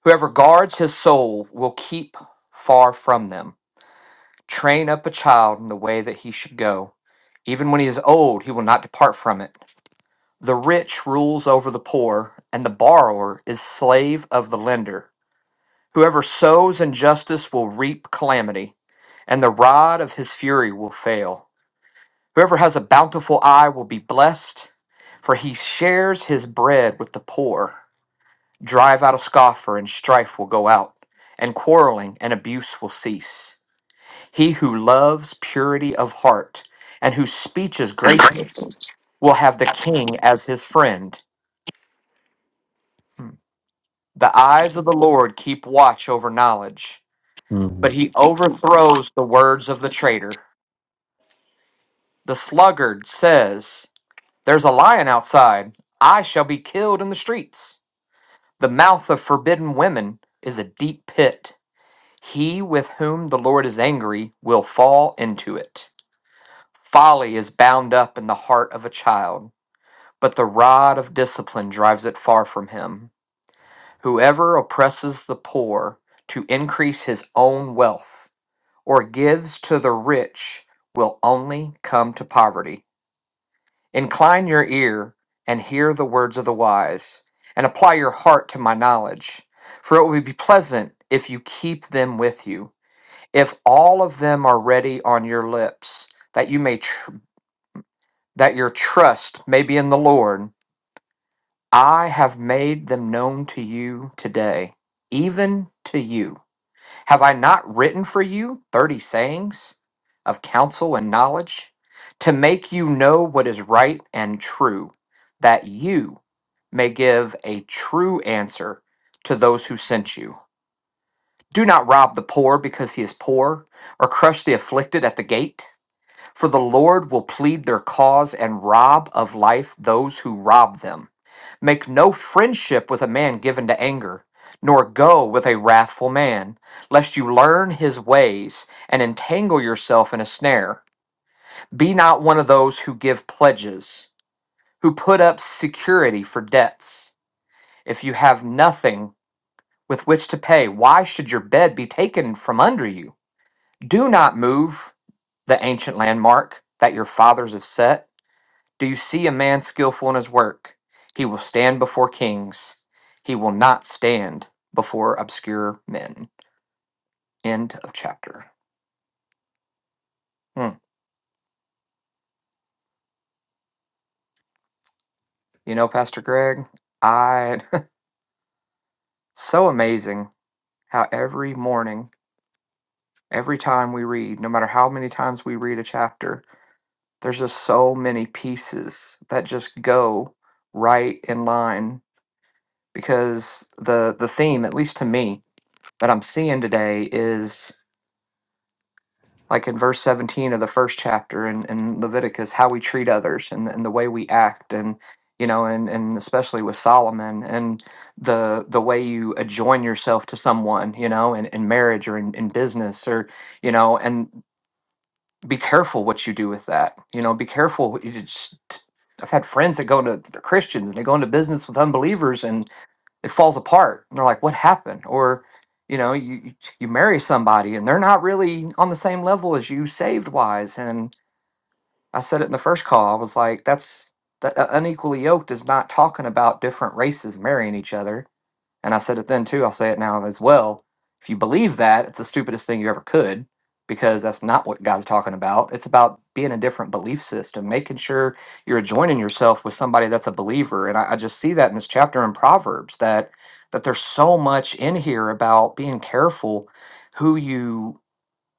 J: Whoever guards his soul will keep far from them. Train up a child in the way that he should go. Even when he is old, he will not depart from it. The rich rules over the poor, and the borrower is slave of the lender. Whoever sows injustice will reap calamity, and the rod of his fury will fail. Whoever has a bountiful eye will be blessed, for he shares his bread with the poor. Drive out a scoffer, and strife will go out, and quarreling and abuse will cease. He who loves purity of heart, and whose speech is gracious, will have the king as his friend. Hmm. The eyes of the Lord keep watch over knowledge,
A: hmm
J: but he overthrows the words of the traitor. The sluggard says, There's a lion outside. I shall be killed in the streets. The mouth of forbidden women is a deep pit. He with whom the Lord is angry will fall into it. Folly is bound up in the heart of a child, but the rod of discipline drives it far from him. Whoever oppresses the poor to increase his own wealth or gives to the rich will only come to poverty. Incline your ear and hear the words of the wise, and apply your heart to my knowledge, for it will be pleasant if you keep them with you, if all of them are ready on your lips, that you may tr- that your trust may be in the Lord. I have made them known to you today, even to you. Have I not written for you thirty sayings of counsel and knowledge to make you know what is right and true, that you may give a true answer to those who sent you? Do not rob the poor because he is poor, or crush the afflicted at the gate. For the Lord will plead their cause and rob of life those who rob them. Make no friendship with a man given to anger, nor go with a wrathful man, lest you learn his ways and entangle yourself in a snare. Be not one of those who give pledges, who put up security for debts. If you have nothing with which to pay, why should your bed be taken from under you? Do not move the ancient landmark that your fathers have set Do you see a man skillful in his work? He will stand before kings. He will not stand before obscure men. End of chapter. Hmm. You know, Pastor Greg, I. [LAUGHS] so amazing how every morning, every time we read, no matter how many times we read a chapter, there's just so many pieces that just go right in line because the the theme at least to me that I'm seeing today is. like in verse 17 of the first chapter in, in leviticus how we treat others and, and the way we act and you know and, and especially with solomon and the the way you adjoin yourself to someone you know in, in marriage or in, in business or you know and be careful what you do with that you know be careful what you just i've had friends that go into they're christians and they go into business with unbelievers it falls apart. They're like, what happened? Or, you know, you you marry somebody and they're not really on the same level as you saved wise. And I said it in the first call. I was like, that's that uh, unequally yoked is not talking about different races marrying each other. And I said it then too, I'll say it now as well. If you believe that, it's the stupidest thing you ever could because that's not what God's talking about. It's about being a different belief system, making sure you're joining yourself with somebody that's a believer. And I, I just see that in this chapter in Proverbs that that there's so much in here about being careful who you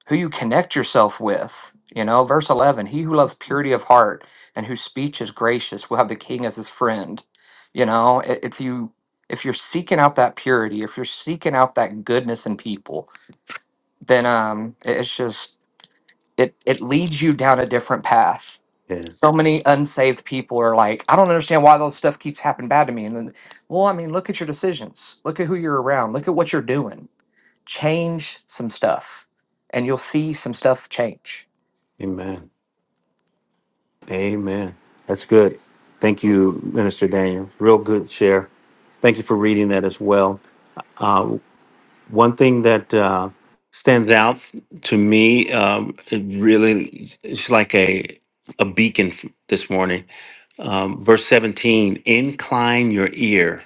J: who you connect yourself with. You know, verse 11, he who loves purity of heart and whose speech is gracious will have the king as his friend. You know, i- if you if you're seeking out that purity, if you're seeking out that goodness in people, then um i- it's just it it leads you down a different path.
A: Yeah.
J: So many unsaved people are like, I don't understand why those stuff keeps happening bad to me. And then, well, I mean, look at your decisions. Look at who you're around. Look at what you're doing change some stuff and you'll see some stuff change.
A: Amen. Amen. That's good. Thank you, Minister Daniel. Real good share. Thank you for reading that as well. Uh, one thing that uh, stands out to me, um, it really, it's like a a beacon f- this morning. Um, verse 17 Incline your ear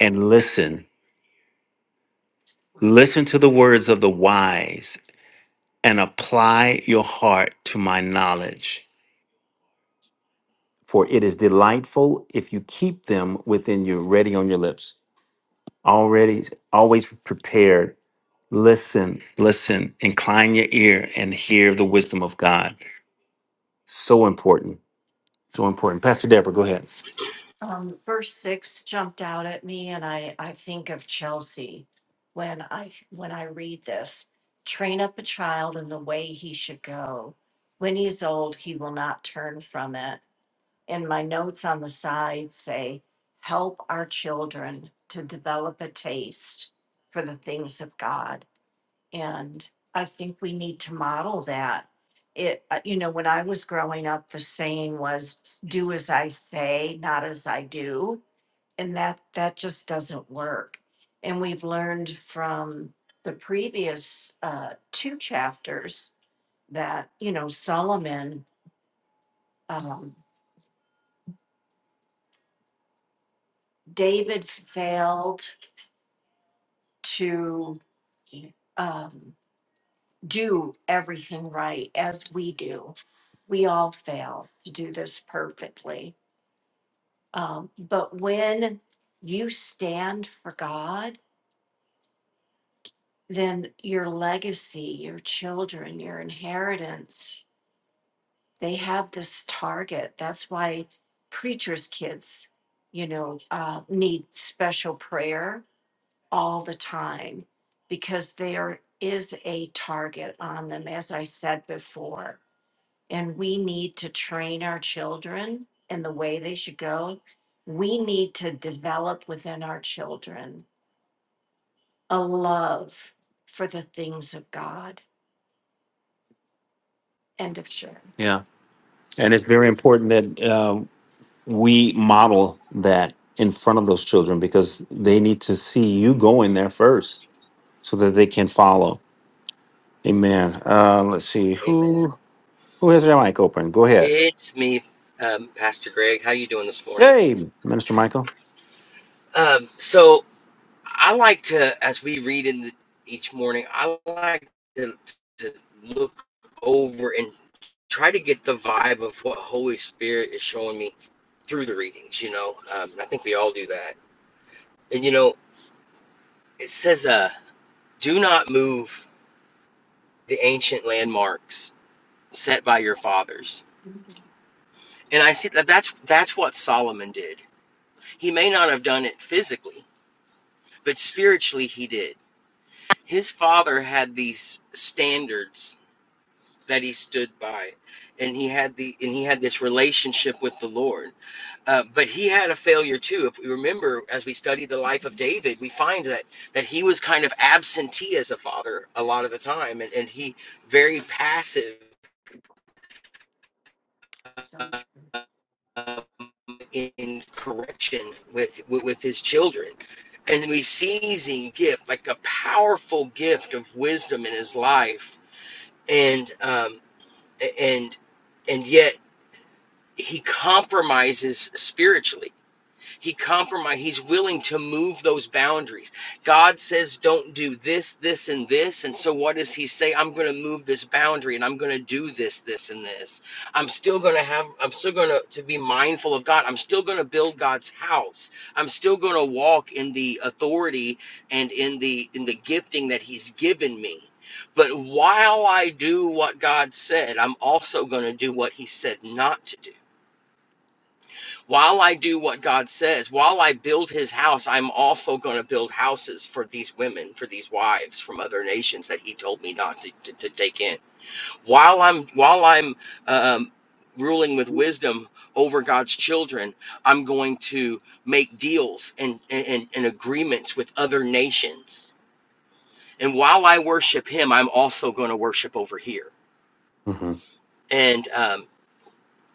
A: and listen. Listen to the words of the wise and apply your heart to my knowledge. for it is delightful if you keep them within you, ready on your lips, already, always prepared. Listen, listen, incline your ear and hear the wisdom of God. So important, so important. Pastor Deborah, go ahead. Yeah, and it's very important that um, we model that in front of those children because they need to see you going there first so that they can follow. Amen. Uh, let's see
K: Amen.
A: who who has their mic open. Go ahead.
K: It's me, um, Pastor Greg. How you doing this morning?
A: Hey, Minister Michael.
K: Um, so I like to, as we read in the, each morning, I like to, to look over and try to get the vibe of what Holy Spirit is showing me through the readings. You know, um, I think we all do that. And you know, it says, uh, "Do not move the ancient landmarks set by your fathers." And I see that that's that's what Solomon did. He may not have done it physically but spiritually he did. His father had these standards that he stood by, and he had the and he had this relationship with the Lord. Uh, but he had a failure too. If we remember, as we study the life of David, we find that that he was kind of absentee as a father a lot of the time, and, and he very passive um, in correction with, with with his children. And we see him gift like a powerful gift of wisdom in his life and um, and and yet he compromises spiritually. He compromised. He's willing to move those boundaries. God says, don't do this, this, and this. And so what does he say? I'm going to move this boundary and I'm going to do this, this, and this. I'm still going to have, I'm still going to, to be mindful of God. I'm still going to build God's house. I'm still going to walk in the authority and in the, in the gifting that he's given me. But while I do what God said, I'm also going to do what he said not to do while I do what God says, while I build his house, I'm also going to build houses for these women, for these wives from other nations that he told me not to, to, to take in. While I'm while I'm um, ruling with wisdom over God's children, I'm going to make deals and, and, and agreements with other nations. And while I worship him, I'm also going to worship over here.
A: hmm
K: And um,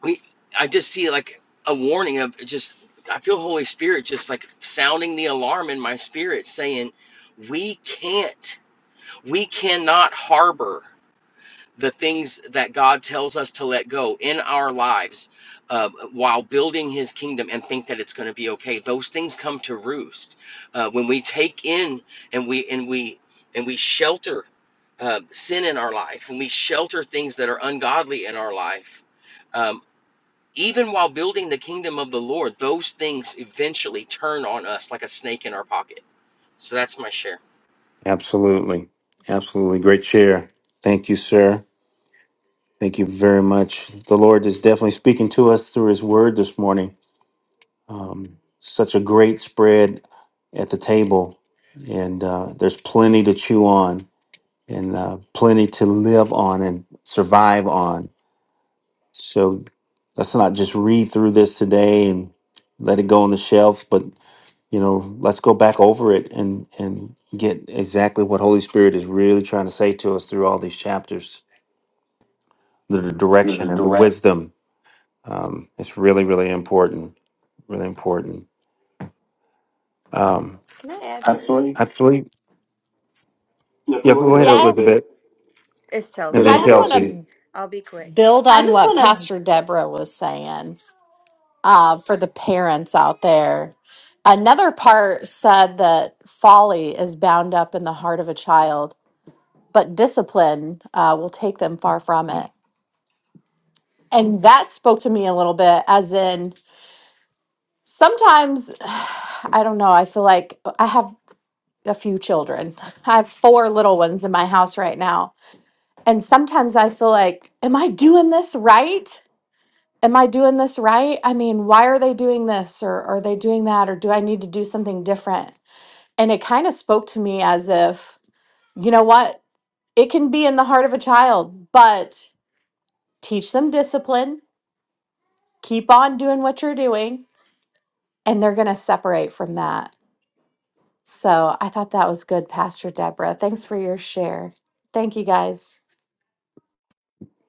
K: we i just see like a warning of just i feel holy spirit just like sounding the alarm in my spirit saying we can't we cannot harbor the things that god tells us to let go in our lives uh, while building his kingdom and think that it's going to be okay those things come to roost uh, when we take in and we and we and we shelter uh, sin in our life when we shelter things that are ungodly in our life Um, even while building the kingdom of the Lord, those things eventually turn on us like a snake in our pocket. So that's my share.
A: Absolutely. Absolutely. Great share. Thank you, sir. Thank you very much. The Lord is definitely speaking to us through his word this morning. Um, such a great spread at the table. And uh, there's plenty to chew on and uh, plenty to live on and survive on. So let's not just read through this today and let it go on the shelf, but you know let's go back over it and and get exactly what holy spirit is really trying to say to us through all these chapters the the direction
L: Elizabeth
A: and the
L: Durant.
A: wisdom um, it's really really important really important um
L: Can I add I something? swear. you-
A: actually
L: Yeah,
A: yeah
L: go ahead,
A: go ahead
L: Elizabeth.
A: elizabeth
M: Yes.
L: It's And Chelsea.
A: and
L: then
A: then
M: I
L: Yes,
M: just want
A: chelsea
L: Chelsea.
M: to
L: I'll be quick.
M: build
L: I
M: on
L: just
M: what
L: want
M: Pastor Deborah was saying uh, for the parents out there. Another part said that folly is bound up in the heart of a child, but discipline uh, will take them far from it. And that spoke to me a little bit, as in sometimes, [SIGHS] I don't know, I feel like I have a few children. I have four little ones in my house right now. And sometimes I feel like, am I doing this right? am I doing this right? I mean, why are they doing this or are they doing that or do I need to do something different? And it kind of spoke to me as if, you know what? It can be in the heart of a child, but teach them discipline, keep on doing what you're doing, and they're going to separate from that. So I thought that was good, Pastor Deborah. Thanks for your share. Thank you guys.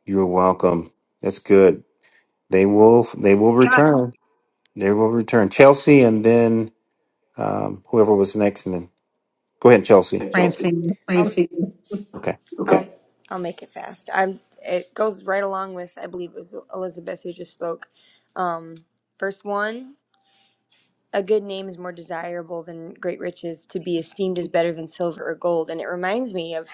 A: you're welcome that's good they will they will
E: Hi,
A: return they will return chelsea and then um whoever was next and then go ahead chelsea
L: And Chelsea. to
E: Francine.
L: I'll me I'll
A: okay
L: Okay. I'll make it fast. I'm. It goes right along with I believe it was Elizabeth who just spoke. Um, verse one: A good name is more desirable than great riches. To be esteemed is better than silver or gold. And it reminds me of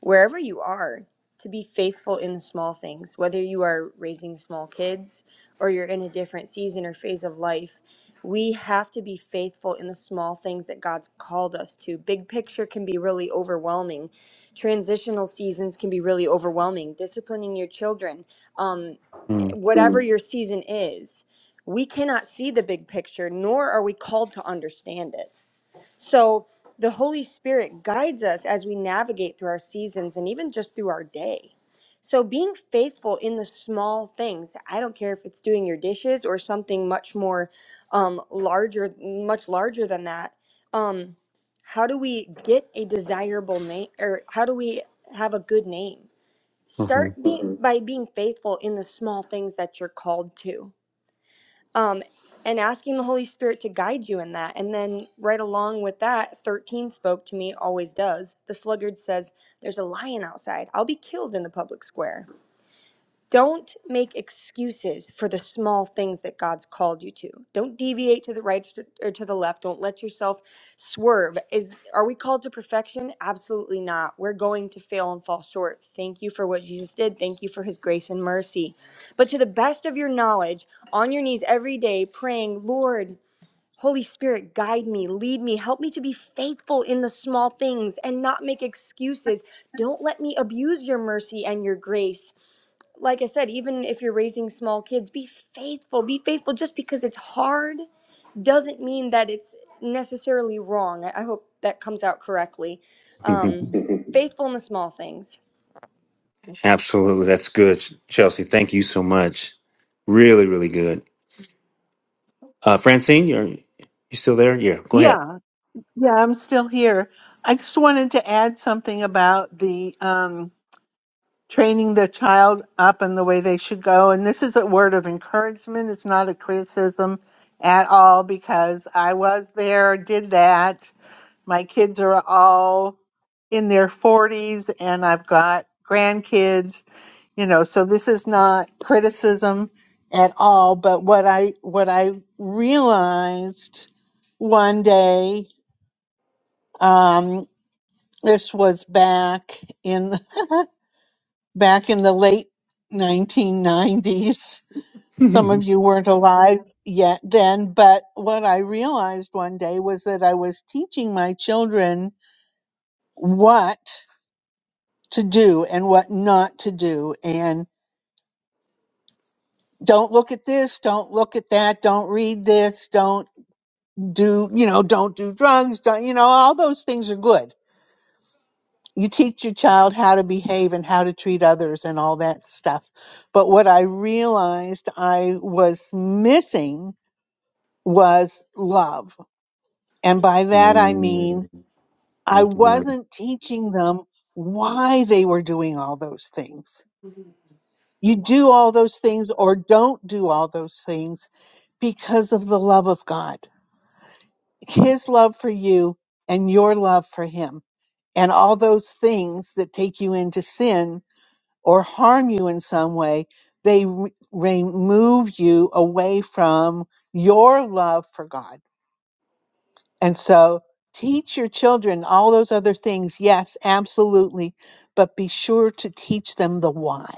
L: wherever you are to be faithful in the small things whether you are raising small kids or you're in a different season or phase of life we have to be faithful in the small things that God's called us to big picture can be really overwhelming transitional seasons can be really overwhelming disciplining your children um whatever Mm. your season is we cannot see the big picture nor are we called to understand it so the Holy Spirit guides us as we navigate through our seasons and even just through our day. So being faithful in the small things, I don't care if it's doing your dishes or something much more um, larger, much larger than that. How do we get a desirable name or how do we have a good name? Start
A: mm-hmm.
L: being, by being faithful in the small things that you're called to um, and asking the Holy Spirit to guide you in that. And then, right along with that, 13 spoke to me, always does. The sluggard says, There's a lion outside. I'll be killed in the public square. Don't make excuses for the small things that God's called you to. Don't deviate to the right or to the left. Don't let yourself swerve. Is are we called to perfection? Absolutely not. We're going to fail and fall short. Thank you for what Jesus did. Thank you for his grace and mercy. But to the best of your knowledge, on your knees every day praying, "Lord, Holy Spirit, guide me, lead me, help me to be faithful in the small things and not make excuses. Don't let me abuse your mercy and your grace like I said, even if you're raising small kids, be faithful. Be faithful. Just because it's hard doesn't mean that it's necessarily wrong. I I hope that comes out correctly.
A: [LAUGHS]
L: [LAUGHS] Faithful in the small things.
A: Absolutely. That's good, Chelsea. Thank you so much. Really, really good. Uh, Francine, you're you still there? Yeah, go ahead.
E: Yeah, yeah, I'm still here. I just wanted to add something about the um, training the child up in the way they should go. And this is a word of encouragement, it's not a criticism at all because I was there, did that. My kids are all in their 40s, and I've got grandkids you know so this is not criticism at all but what i what i realized one day um this was back in [LAUGHS] back in the late 1990s some
A: [LAUGHS]
E: of you weren't alive yet then but what i realized one day was that i was teaching my children what to do and what not to do and don't look at this, don't look at that, don't read this, don't do, you know, don't do drugs, don't, you know, all those things are good. You teach your child how to behave and how to treat others and all that stuff. But what I realized I was missing was love. And by that I mean I wasn't teaching them why they were doing all those things. You do all those things or don't do all those things because of the love of God his love for you and your love for him. And all those things that take you into sin or harm you in some way, they re- remove you away from your love for God. And so teach your children all those other things. Yes, absolutely. But be sure to teach them the why.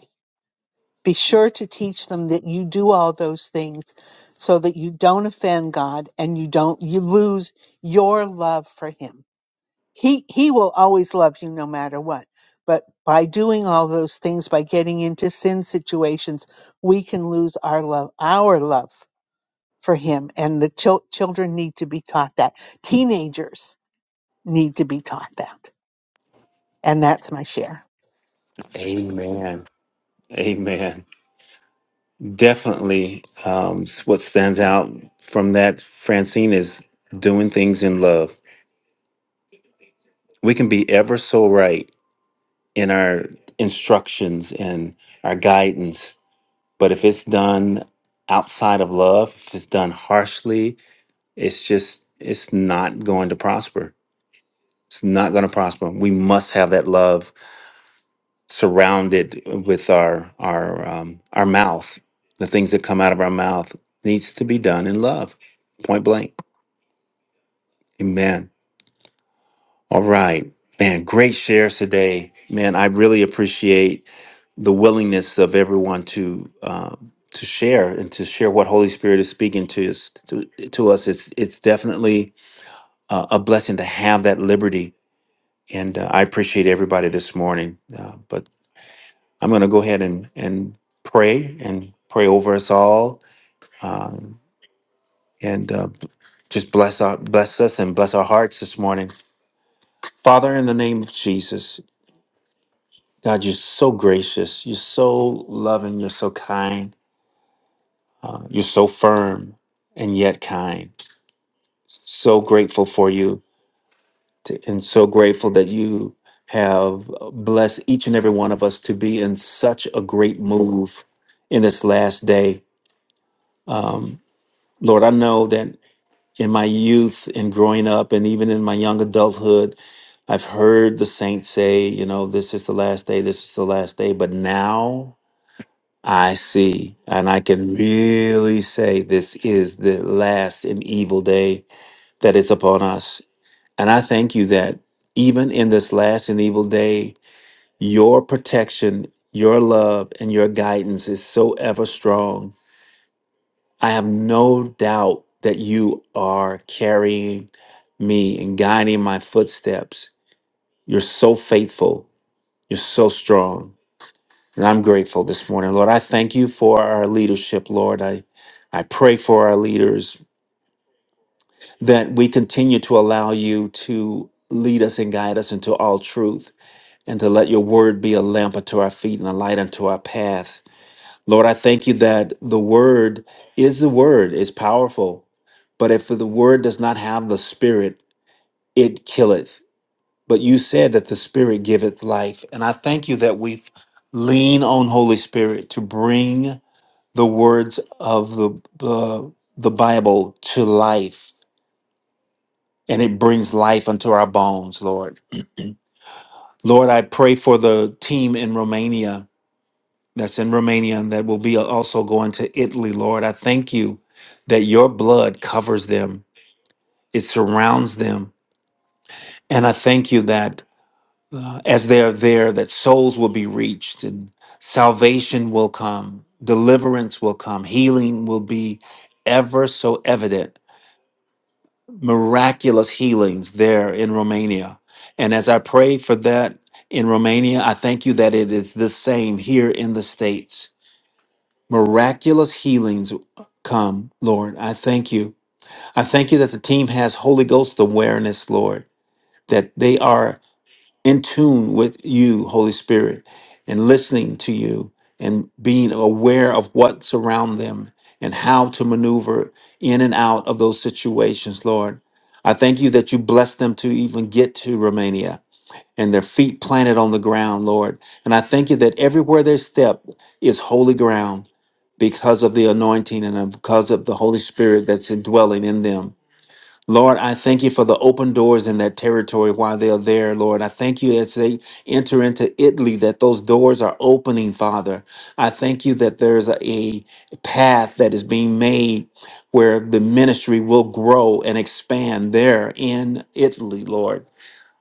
E: Be sure to teach them that you do all those things so that you don't offend God and you don't, you lose your love for him. he he will always love you no matter what but by doing all those things by getting into sin situations we can lose our love our love for him and the chil- children need to be taught that teenagers need to be taught that and that's my share
A: Amen. Amen. Definitely. Um, what stands out from that, Francine, is doing things in love. We can be ever so right in our instructions and our guidance, but if it's done outside of love, if it's done harshly, it's just it's not going to prosper it's not going to prosper we must have that love surrounded with our our um, our mouth the things that come out of our mouth needs to be done in love point blank amen all right man great shares today man i really appreciate the willingness of everyone to um, to share and to share what holy spirit is speaking to us to, to us it's it's definitely uh, a blessing to have that liberty And uh, I appreciate everybody this morning. Uh, but I'm going to go ahead and, and pray and pray over us all um, and uh, b- just bless, our, bless us and bless our hearts this morning. Father, in the name of Jesus, God, you're so gracious. You're so loving. You're so kind. Uh, you're so firm and yet kind. So grateful for you to, and so grateful that you have blessed each and every one of us to be in such a great move in this last day. Um, Lord, I know that in my youth and growing up, and even in my young adulthood, I've heard the saints say, you know, this is the last day, this is the last day. But now I see, and I can really say this is the last and evil day that is upon us. And I thank you that even in this last and evil day, your protection, your love, and your guidance is so ever strong. I have no doubt that you are carrying me and guiding my footsteps. You're so faithful. You're so strong. And I'm grateful this morning, Lord. I thank you for our leadership, Lord. I, I pray for our leaders that we continue to allow you to lead us and guide us into all truth and to let your word be a lamp unto our feet and a light unto our path. Lord, I thank you that the word is the word, is powerful. But if the word does not have the spirit, it killeth. But you said that the spirit giveth life. And I thank you that we lean on Holy Spirit to bring the words of the, the, the Bible to life. And it brings life unto our bones, Lord. Lord, I pray for the team in Romania that's in Romania and that will be also going to Italy, Lord. I thank you that your blood covers them, it surrounds them. And I thank you that uh, as they are there, that souls will be reached and salvation will come, deliverance will come, healing will be ever so evident, miraculous healings there in Romania. And as I pray for that in Romania, I thank you that it is the same here in the States Miraculous healings come, Lord. I thank you. I thank you that the team has Holy Ghost awareness, Lord, that they are in tune with you, Holy Spirit, and listening to you and being aware of what's around them and how to maneuver in and out of those situations, Lord. I thank you that you bless them to even get to Romania and their feet planted on the ground, Lord. And I thank you that everywhere they step is holy ground because of the anointing and because of the Holy Spirit that's indwelling in them. Lord, I thank you for the open doors in that territory while they are there, Lord. I thank you as they enter into Italy that those doors are opening, Father. I thank you that there's a, a path that is being made where the ministry will grow and expand there in Italy, Lord.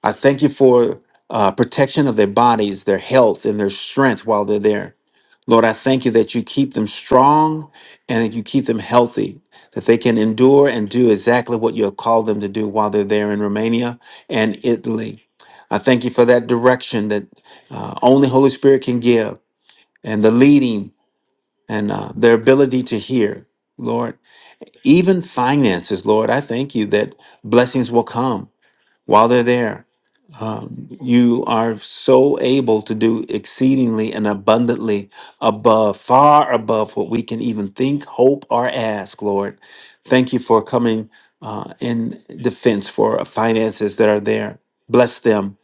A: I thank you for uh, protection of their bodies, their health, and their strength while they're there. Lord, I thank you that you keep them strong and that you keep them healthy, that they can endure and do exactly what you have called them to do while they're there in Romania and Italy. I thank you for that direction that uh, only Holy Spirit can give and the leading and uh, their ability to hear, Lord. Even finances, Lord, I thank you that blessings will come while they're there um, you are so able to do exceedingly and abundantly above, far above what we can even think, hope, or ask, Lord. Thank you for coming uh, in defense for finances that are there. Bless them,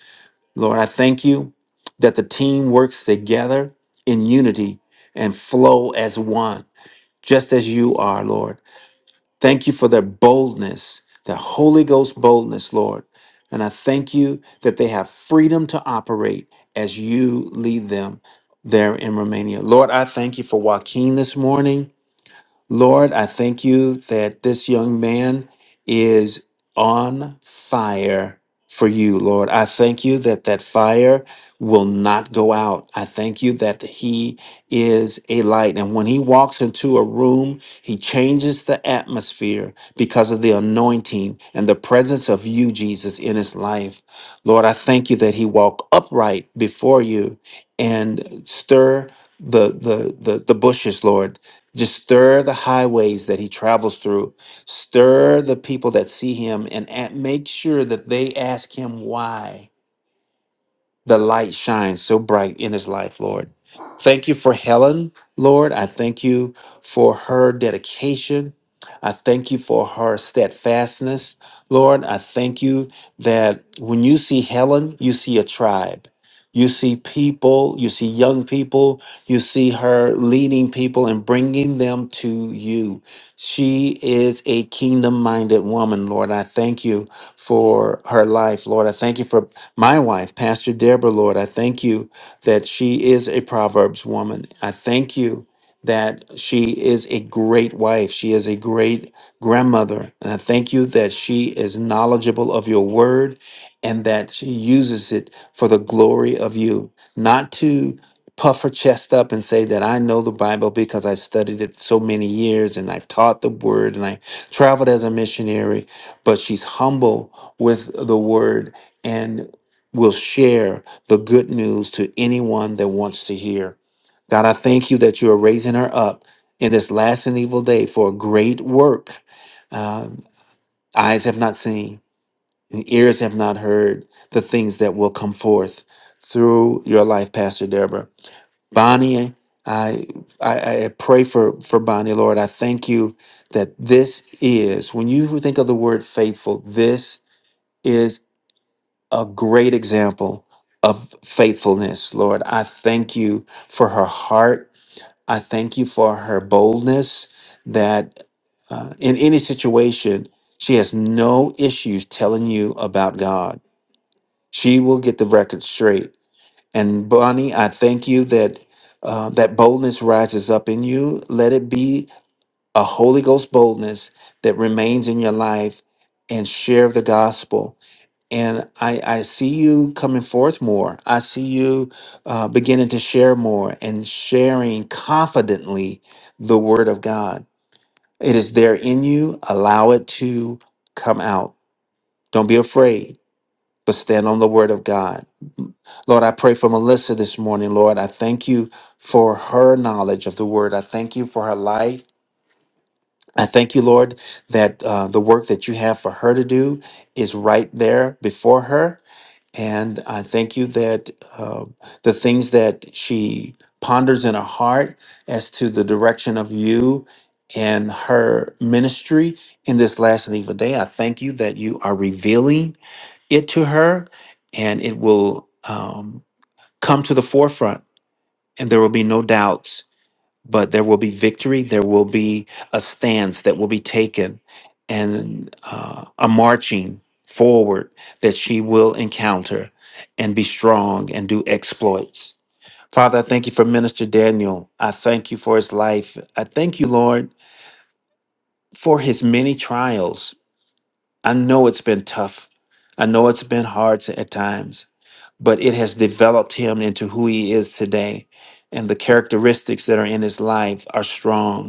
A: Lord. I thank you that the team works together in unity and flow as one, just as you are, Lord. Thank you for their boldness, their Holy Ghost boldness, Lord. And I thank you that they have freedom to operate as you lead them there in Romania. Lord, I thank you for Joaquin this morning. Lord, I thank you that this young man is on fire for you, Lord. I thank you that that fire will not go out. I thank you that he is a light. And when he walks into a room, he changes the atmosphere because of the anointing and the presence of you, Jesus, in his life. Lord, I thank you that he walk upright before you and stir the the the, the bushes, Lord just stir the highways that he travels through. Stir the people that see him and a- make sure that they ask him why the light shines so bright in his life, Lord. Thank you for Helen, Lord. I thank you for her dedication. I thank you for her steadfastness, Lord. I thank you that when you see Helen, you see a tribe. You see people, you see young people, you see her leading people and bringing them to you. She is a kingdom minded woman, Lord. I thank you for her life, Lord. I thank you for my wife, Pastor Deborah, Lord. I thank you that she is a Proverbs woman. I thank you that she is a great wife. She is a great grandmother. And I thank you that she is knowledgeable of your word and that she uses it for the glory of you, not to puff her chest up and say that I know the Bible because I studied it so many years and I've taught the word and I traveled as a missionary but she's humble with the word and will share the good news to anyone that wants to hear. God, I thank you that you are raising her up in this last and evil day for a great work. Um, eyes have not seen, and ears have not heard the things that will come forth through your life, Pastor Deborah. Bonnie, I, I, I pray for, for Bonnie, Lord. I thank you that this is, when you think of the word faithful, this is a great example of faithfulness, Lord. I thank you for her heart. I thank you for her boldness that uh, in any situation, she has no issues telling you about God. She will get the record straight. And Bonnie, I thank you that uh, that boldness rises up in you. Let it be a Holy Ghost boldness that remains in your life and share the gospel and I, I see you coming forth more. I see you uh, beginning to share more and sharing confidently the word of God. It is there in you. Allow it to come out. Don't be afraid, but stand on the word of God. Lord, I pray for Melissa this morning. Lord, I thank you for her knowledge of the word. I thank you for her life. I thank you, Lord, that uh, the work that you have for her to do is right there before her and I thank you that uh, the things that she ponders in her heart as to the direction of you and her ministry in this last and evil day, I thank you that you are revealing it to her and it will um, come to the forefront and there will be no doubts but there will be victory. There will be a stance that will be taken and uh, a marching forward that she will encounter and be strong and do exploits. Father, I thank you for Minister Daniel. I thank you for his life. I thank you, Lord, for his many trials. I know it's been tough. I know it's been hard to- at times, but it has developed him into who he is today. And the characteristics that are in his life are strong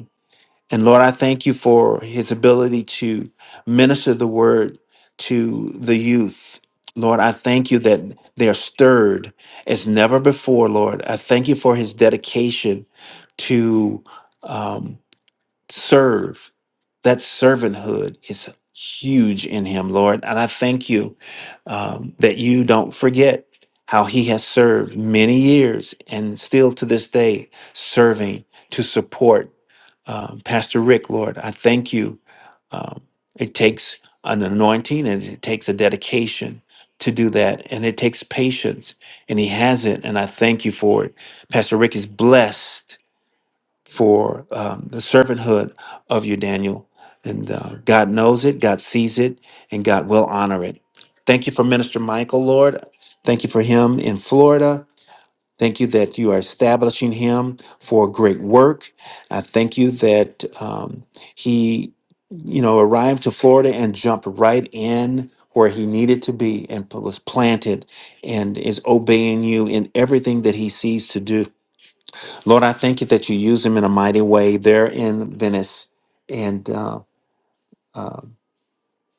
A: and Lord, I thank you for his ability to minister the word to the youth. Lord, I thank you that they are stirred as never before, Lord. I thank you for his dedication to um, serve. That servanthood is huge in him, Lord. And I thank you um, that you don't forget how he has served many years and still to this day serving to support um, Pastor Rick, Lord, I thank you. Um, it takes an anointing and it takes a dedication to do that, and it takes patience, and he has it, and I thank you for it. Pastor Rick is blessed for um, the servanthood of you, Daniel, and uh, God knows it, God sees it, and God will honor it. Thank you for Minister Michael, Lord. Thank you for him in Florida. Thank you that you are establishing him for great work. I thank you that um, he, you know, arrived to Florida and jumped right in where he needed to be and p- was planted and is obeying you in everything that he sees to do. Lord, I thank you that you use him in a mighty way there in Venice and uh, uh,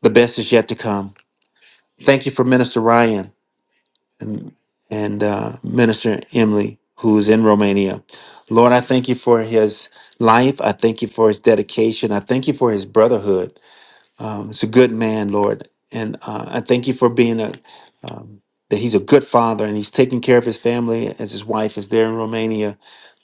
A: the best is yet to come. Thank you for Minister Ryan. and, and uh, Minister Emily, who's in Romania. Lord, I thank you for his life. I thank you for his dedication. I thank you for his brotherhood. Um, he's a good man, Lord, and uh, I thank you for being a um, that he's a good father and he's taking care of his family as his wife is there in Romania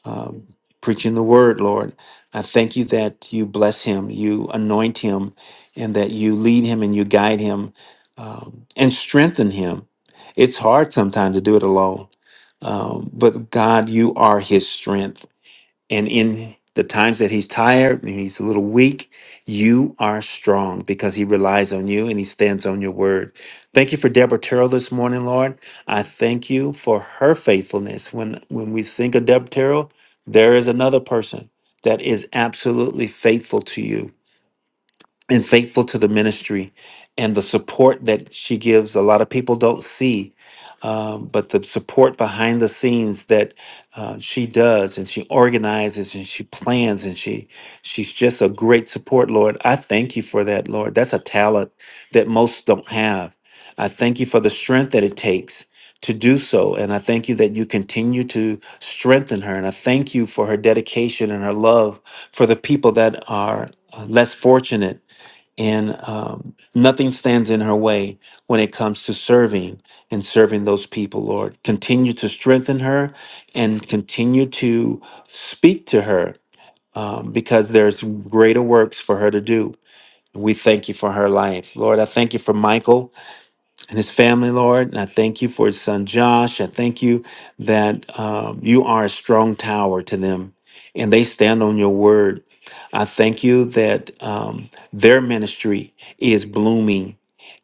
A: um, preaching the word, Lord. I thank you that you bless him, you anoint him, and that you lead him and you guide him um, and strengthen him. It's hard sometimes to do it alone, um, but God, you are his strength. And in the times that he's tired and he's a little weak, you are strong because he relies on you and he stands on your word. Thank you for Deborah Terrell this morning, Lord. I thank you for her faithfulness. When when we think of Deborah Terrell, there is another person that is absolutely faithful to you and faithful to the ministry and the support that she gives. A lot of people don't see, um, but the support behind the scenes that uh, she does and she organizes and she plans and she she's just a great support, Lord. I thank you for that, Lord. That's a talent that most don't have. I thank you for the strength that it takes to do so. And I thank you that you continue to strengthen her. And I thank you for her dedication and her love for the people that are uh, less fortunate and um, nothing stands in her way when it comes to serving and serving those people lord continue to strengthen her and continue to speak to her um, because there's greater works for her to do we thank you for her life lord i thank you for michael and his family, Lord. And I thank you for his son Josh. I thank you that um, you are a strong tower to them and they stand on your word. I thank you that um, their ministry is blooming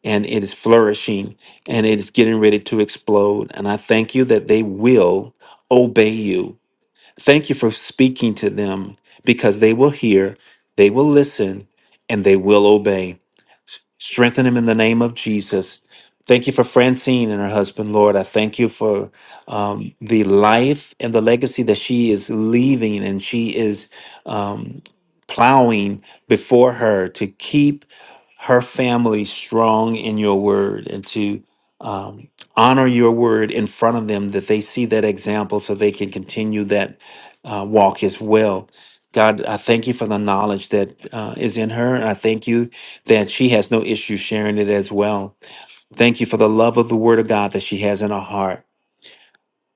A: and it is flourishing and it is getting ready to explode. And I thank you that they will obey you. Thank you for speaking to them because they will hear, they will listen, and they will obey. Strengthen him in the name of Jesus. Thank you for Francine and her husband, Lord. I thank you for um, the life and the legacy that she is leaving and she is um, plowing before her to keep her family strong in your word and to um, honor your word in front of them that they see that example so they can continue that uh, walk as well. God, I thank you for the knowledge that uh, is in her. And I thank you that she has no issue sharing it as well. Thank you for the love of the Word of God that she has in her heart.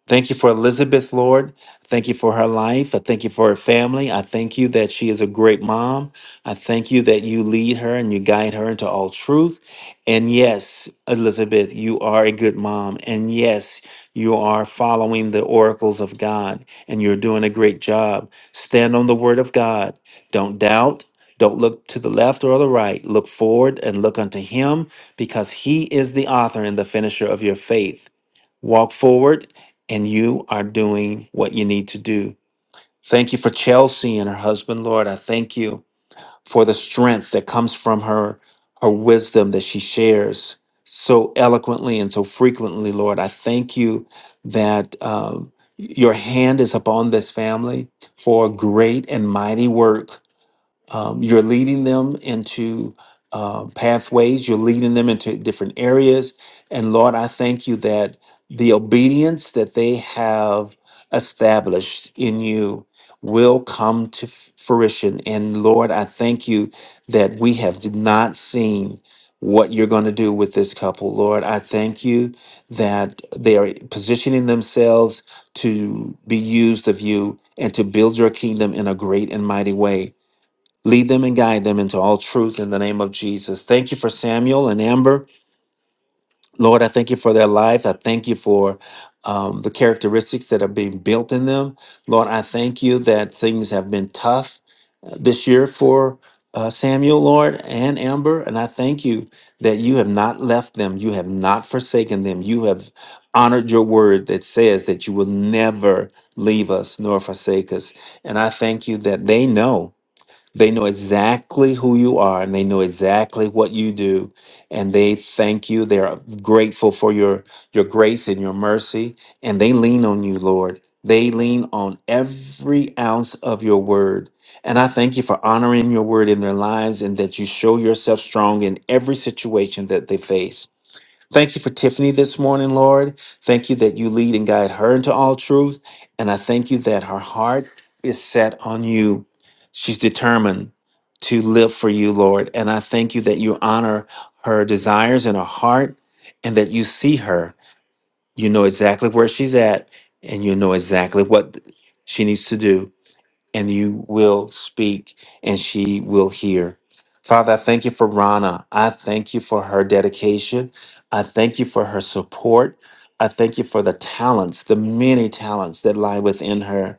A: Thank you for Elizabeth, Lord. Thank you for her life. I thank you for her family. I thank you that she is a great mom. I thank you that you lead her and you guide her into all truth. And yes, Elizabeth, you are a good mom. And yes, you are following the oracles of God and you're doing a great job. Stand on the word of God. Don't doubt. Don't look to the left or the right. Look forward and look unto Him because He is the author and the finisher of your faith. Walk forward, and you are doing what you need to do. Thank you for Chelsea and her husband, Lord. I thank you for the strength that comes from her, her wisdom that she shares so eloquently and so frequently, Lord. I thank you that um, your hand is upon this family for great and mighty work um, you're leading them into uh, pathways you're leading them into different areas and lord i thank you that the obedience that they have established in you will come to f- fruition and lord i thank you that we have not seen what you're going to do with this couple lord i thank you that they are positioning themselves to be used of you and to build your kingdom in a great and mighty way Lead them and guide them into all truth in the name of Jesus. Thank you for Samuel and Amber. Lord, I thank you for their life. I thank you for um, the characteristics that are being built in them. Lord, I thank you that things have been tough uh, this year for uh, Samuel, Lord, and Amber. And I thank you that you have not left them, you have not forsaken them. You have honored your word that says that you will never leave us nor forsake us. And I thank you that they know. They know exactly who you are and they know exactly what you do and they thank you. They are grateful for your your grace and your mercy and they lean on you, Lord. They lean on every ounce of your word. And I thank you for honoring your word in their lives and that you show yourself strong in every situation that they face. Thank you for Tiffany this morning, Lord. Thank you that you lead and guide her into all truth. And I thank you that her heart is set on you. She's determined to live for you, Lord. And I thank you that you honor her desires in her heart and that you see her. You know exactly where she's at and you know exactly what she needs to do and you will speak and she will hear. Father, I thank you for Rana. I thank you for her dedication. I thank you for her support. I thank you for the talents, the many talents that lie within her.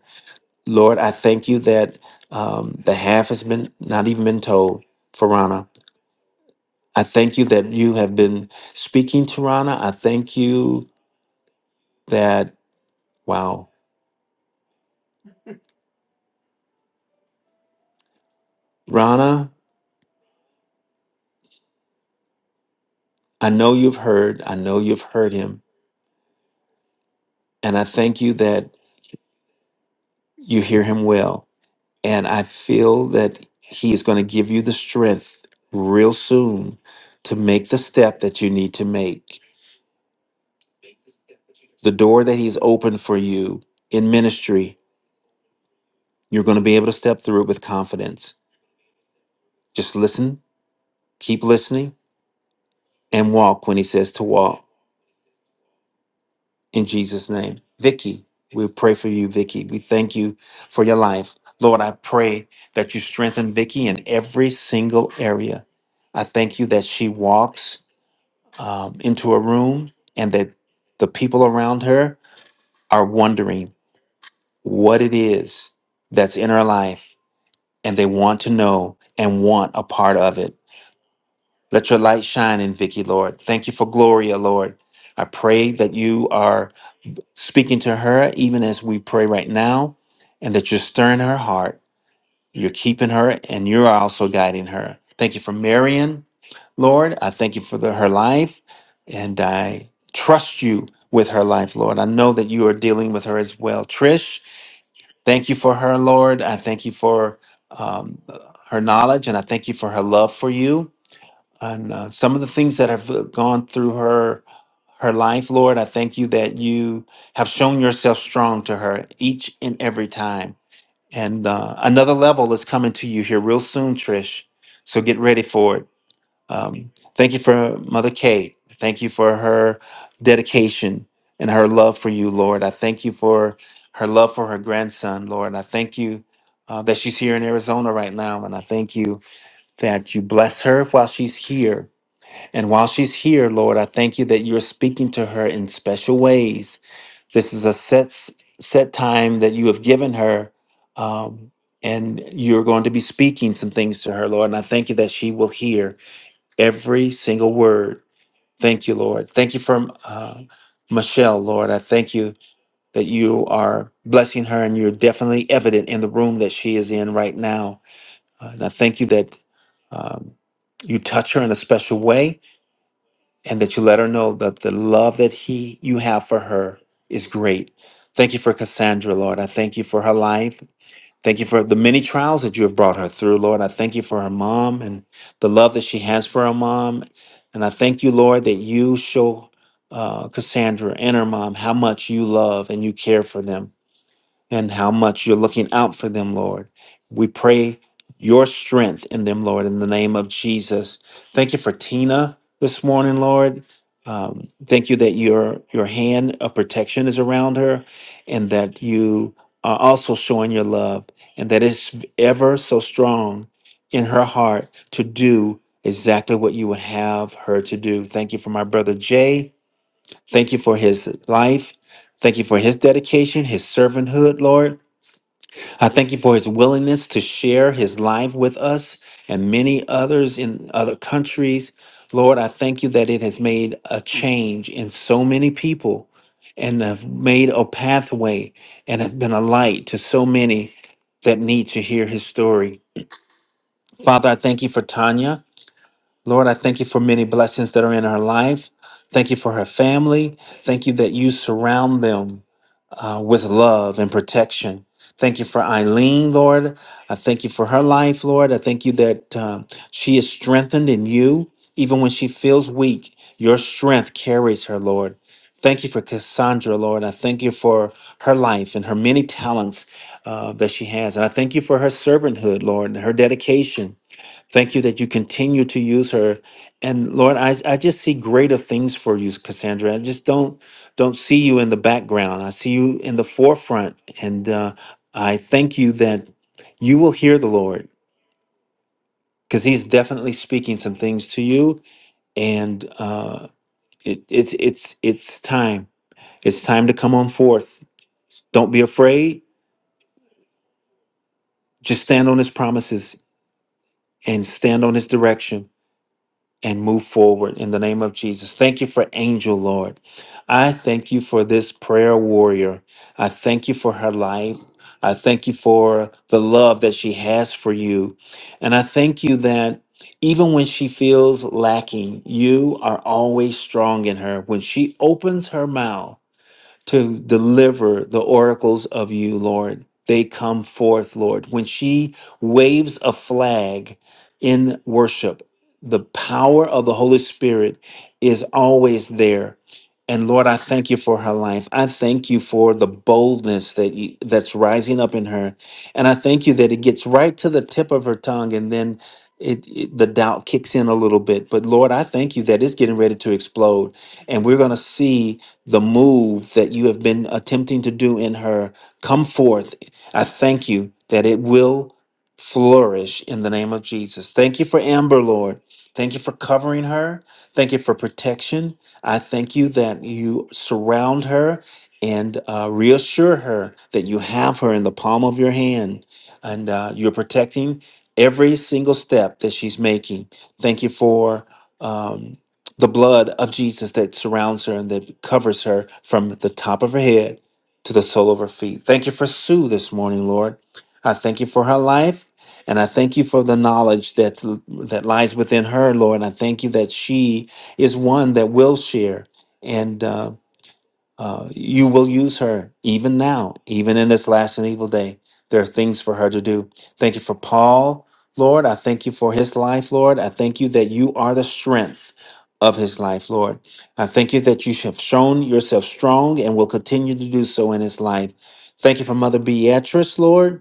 A: Lord, I thank you that um, the half has been not even been told for Rana. I thank you that you have been speaking to Rana. I thank you that, wow, Rana, I know you've heard. I know you've heard him. And I thank you that you hear him well. And I feel that he is going to give you the strength real soon to make the step that you need to make. The door that he's opened for you in ministry, you're going to be able to step through it with confidence. Just listen, keep listening, and walk when he says to walk in Jesus' name. Vicky, we pray for you, Vicky. We thank you for your life. Lord, I pray that you strengthen Vicky in every single area. I thank you that she walks um, into a room and that the people around her are wondering what it is that's in her life and they want to know and want a part of it. Let your light shine in Vicky, Lord. Thank you for Gloria, Lord. I pray that you are speaking to her even as we pray right now and that you're stirring her heart You're keeping her and you're also guiding her. Thank you for Marion, Lord. I thank you for the, her life and I trust you with her life, Lord. I know that you are dealing with her as well. Trish, thank you for her, Lord. I thank you for um, her knowledge and I thank you for her love for you and uh, some of the things that have uh, gone through her her life, Lord. I thank you that you have shown yourself strong to her each and every time. And uh, another level is coming to you here real soon, Trish. So get ready for it. Um, thank you for Mother Kate. Thank you for her dedication and her love for you, Lord. I thank you for her love for her grandson, Lord. I thank you uh, that she's here in Arizona right now. And I thank you that you bless her while she's here. And while she's here, Lord, I thank you that you're speaking to her in special ways this is a set s- set time that you have given her, um, and you're going to be speaking some things to her, Lord. And I thank you that she will hear every single word. Thank you, Lord. Thank you for uh, Michelle, Lord. I thank you that you are blessing her, and you're definitely evident in the room that she is in right now. Uh, and I thank you that um, you touch her in a special way and that you let her know that the love that he you have for her is great. Thank you for Cassandra, Lord. I thank you for her life. Thank you for the many trials that you have brought her through, Lord. I thank you for her mom and the love that she has for her mom. And I thank you, Lord, that you show uh, Cassandra and her mom how much you love and you care for them and how much you're looking out for them, Lord. We pray your strength in them, Lord, in the name of Jesus. Thank you for Tina this morning, Lord. Um, thank you that your your hand of protection is around her, and that you are also showing your love, and that it's ever so strong in her heart to do exactly what you would have her to do. Thank you for my brother Jay. Thank you for his life. Thank you for his dedication, his servanthood, Lord. I thank you for his willingness to share his life with us and many others in other countries. Lord, I thank you that it has made a change in so many people and have made a pathway and has been a light to so many that need to hear his story. Father, I thank you for Tanya. Lord, I thank you for many blessings that are in her life. Thank you for her family. Thank you that you surround them uh, with love and protection. Thank you for Eileen, Lord. I thank you for her life, Lord. I thank you that um, she is strengthened in you, even when she feels weak. Your strength carries her, Lord. Thank you for Cassandra, Lord. I thank you for her life and her many talents uh, that she has. And I thank you for her servanthood, Lord, and her dedication. Thank you that you continue to use her. And Lord, I, I just see greater things for you, Cassandra. I just don't don't see you in the background. I see you in the forefront. And uh, I thank you that you will hear the Lord because He's definitely speaking some things to you. And uh, it, it's it's it's time. It's time to come on forth. Don't be afraid. Just stand on His promises and stand on His direction and move forward in the name of Jesus. Thank you for Angel, Lord. I thank you for this prayer warrior. I thank you for her life. I thank you for the love that she has for you. And I thank you that even when she feels lacking, you are always strong in her. When she opens her mouth, to deliver the oracles of you, Lord. They come forth, Lord. When she waves a flag in worship, the power of the Holy Spirit is always there. And Lord, I thank you for her life. I thank you for the boldness that you, that's rising up in her. And I thank you that it gets right to the tip of her tongue and then it, it the doubt kicks in a little bit. But Lord, I thank you that it's getting ready to explode and we're going to see the move that you have been attempting to do in her come forth. I thank you that it will flourish in the name of Jesus. Thank you for Amber, Lord. Thank you for covering her. Thank you for protection. I thank you that you surround her and uh, reassure her that you have her in the palm of your hand and uh, you're protecting every single step that she's making. Thank you for. um, the blood of Jesus that surrounds her and that covers her from the top of her head to the sole of her feet. Thank you for Sue this morning, Lord. I thank you for her life. And I thank you for the knowledge that's, that lies within her, Lord. And I thank you that she is one that will share. and. uh, uh, you will use her even now, even in this last and evil day. There are things for her to do. Thank you for Paul, Lord. I thank you for his life, Lord. I thank you that you are the strength of his life, Lord. I thank you that you have shown yourself strong and will continue to do so in his life. Thank you for Mother Beatrice, Lord.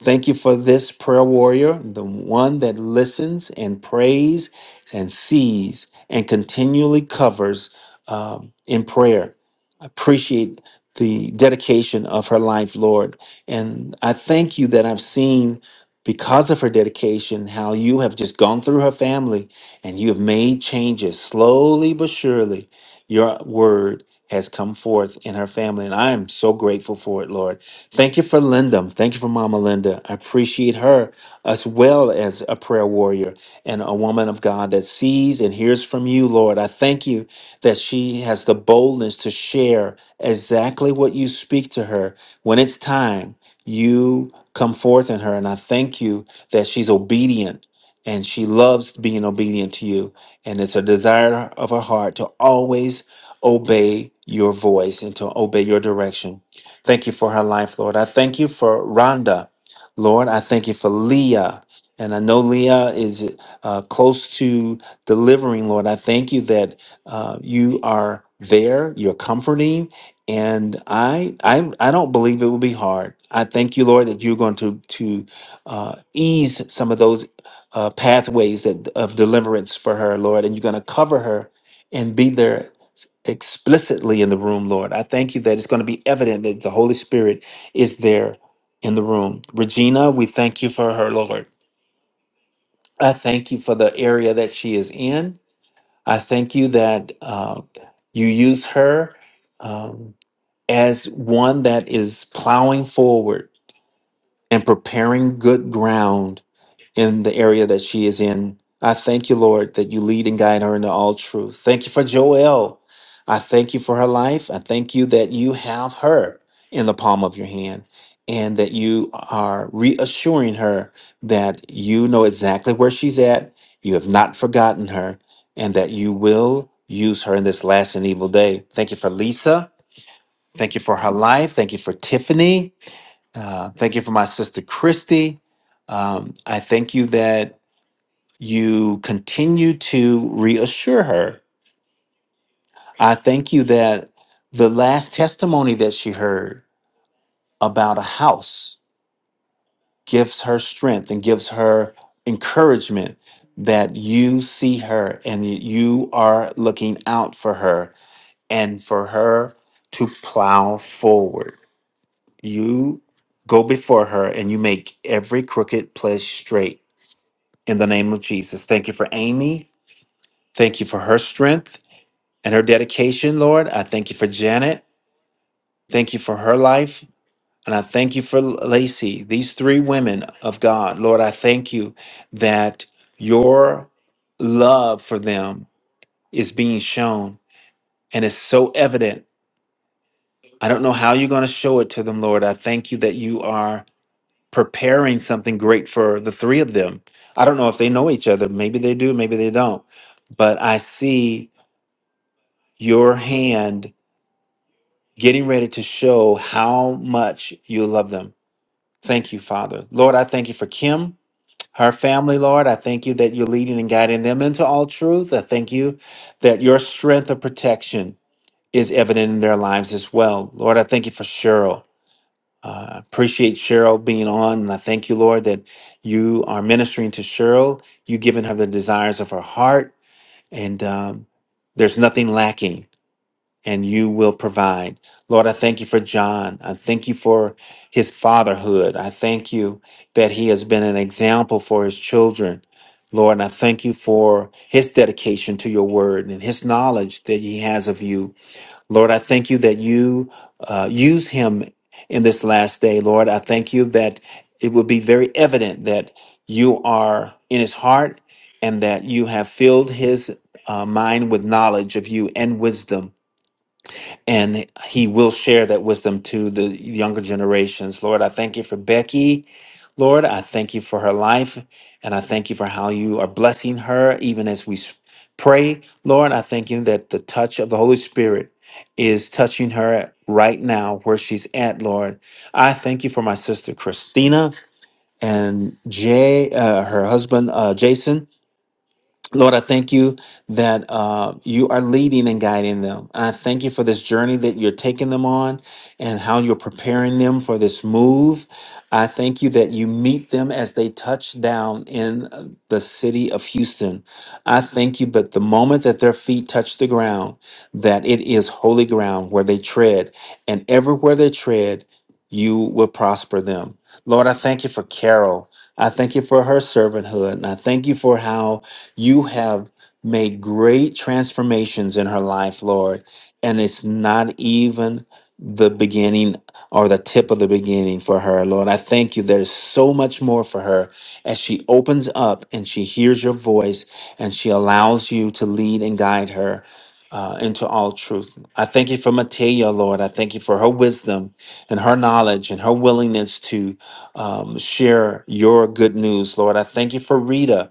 A: Thank you for this prayer warrior, the one that listens and prays and sees and continually covers um, in prayer. I appreciate the dedication of her life, Lord. And I thank you that I've seen, because of her dedication, how you have just gone through her family and you have made changes slowly but surely. Your word has come forth in her family, and I am so grateful for it, Lord. Thank you for Linda. Thank you for Mama Linda. I appreciate her as well as a prayer warrior and a woman of God that sees and hears from you, Lord. I thank you that she has the boldness to share exactly what you speak to her when it's time. You come forth in her, and I thank you that she's obedient and she loves being obedient to you. And it's a desire of her heart to always obey your voice and to obey your direction. Thank you for her life, Lord. I thank you for Rhonda, Lord. I thank you for Leah. And I know Leah is uh, close to delivering, Lord. I thank you that uh, you are there, you're comforting. And I, I, I don't believe it will be hard. I thank you, Lord, that you're going to to uh, ease some of those uh, pathways that of deliverance for her, Lord, and you're going to cover her and be there explicitly in the room, Lord. I thank you that it's going to be evident that the Holy Spirit is there in the room. Regina, we thank you for her, Lord. I thank you for the area that she is in. I thank you that uh, you use her um, as one that is plowing forward and preparing good ground in the area that she is in. I thank you, Lord, that you lead and guide her into all truth. Thank you for Joelle. I thank you for her life. I thank you that you have her in the palm of your hand and that you are reassuring her that you know exactly where she's at. You have not forgotten her and that you will use her in this last and evil day. Thank you for Lisa. Thank you for her life. Thank you for Tiffany. Uh, thank you for my sister Christy. Um, I thank you that you continue to reassure her. I thank you that the last testimony that she heard about a house gives her strength and gives her encouragement that you see her and that you are looking out for her and for her to plow forward. You go before her and you make every crooked place straight in the name of Jesus. Thank you for Amy. Thank you for her strength. and her dedication, Lord. I thank you for Janet. Thank you for her life. And I thank you for Lacey, these three women of God. Lord, I thank you that your love for them is being shown and is so evident. I don't know how you're going to show it to them, Lord. I thank you that you are preparing something great for the three of them. I don't know if they know each other. Maybe they do, maybe they don't. But I see your hand getting ready to show how much you love them. Thank you, Father. Lord, I thank you for Kim, her family, Lord. I thank you that you're leading and guiding them into all truth. I thank you that your strength of protection is evident in their lives as well. Lord, I thank you for Cheryl. Uh, I appreciate Cheryl being on, and I thank you, Lord, that you are ministering to Cheryl. You've given her the desires of her heart, and um, there's nothing lacking and you will provide. Lord, I thank you for John. I thank you for his fatherhood. I thank you that he has been an example for his children. Lord, and I thank you for his dedication to your word and his knowledge that he has of you. Lord, I thank you that you uh, use him in this last day. Lord, I thank you that it will be very evident that you are in his heart and that you have filled his uh, mind with knowledge of you and wisdom and he will share that wisdom to the younger generations. Lord, I thank you for Becky. Lord, I thank you for her life, and I thank you for how you are blessing her even as we s- pray. Lord, I thank you that the touch of the Holy Spirit is touching her right now where she's at, Lord. I thank you for my sister Christina and Jay, uh, her husband uh, Jason. Lord, I thank you that uh, you are leading and guiding them. And I thank you for this journey that you're taking them on and how you're preparing them for this move. I thank you that you meet them as they touch down in uh, the city of Houston. I thank you, but the moment that their feet touch the ground, that it is holy ground where they tread, and everywhere they tread, you will prosper them. Lord, I thank you for Carol. I thank you for her servanthood, and I thank you for how you have made great transformations in her life, Lord, and it's not even the beginning or the tip of the beginning for her, Lord. I thank you. There's so much more for her as she opens up and she hears your voice and she allows you to lead and guide her uh, into all truth. I thank you for Matea, Lord. I thank you for her wisdom and her knowledge and her willingness to um, share your good news, Lord. I thank you for Rita.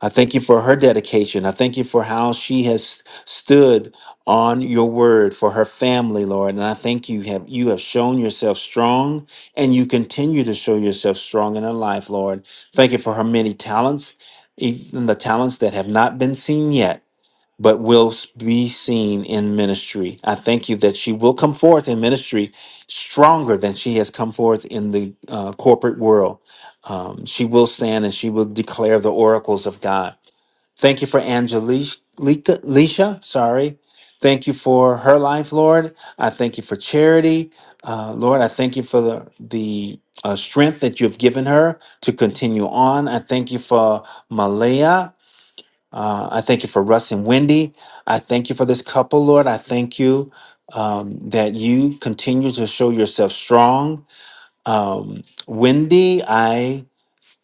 A: I thank you for her dedication. I thank you for how she has stood on your word for her family, Lord. And I thank you have you have shown yourself strong and you continue to show yourself strong in her life, Lord. Thank you for her many talents, even the talents that have not been seen yet but will be seen in ministry. I thank you that she will come forth in ministry stronger than she has come forth in the uh, corporate world. Um, she will stand and she will declare the oracles of God. Thank you for Angelica, Leisha, sorry. Thank you for her life, Lord. I thank you for charity. Uh, Lord, I thank you for the, the uh, strength that you have given her to continue on. I thank you for Malaya. Uh, I thank you for Russ and Wendy. I thank you for this couple, Lord. I thank you um, that you continue to show yourself strong. Um, Wendy, I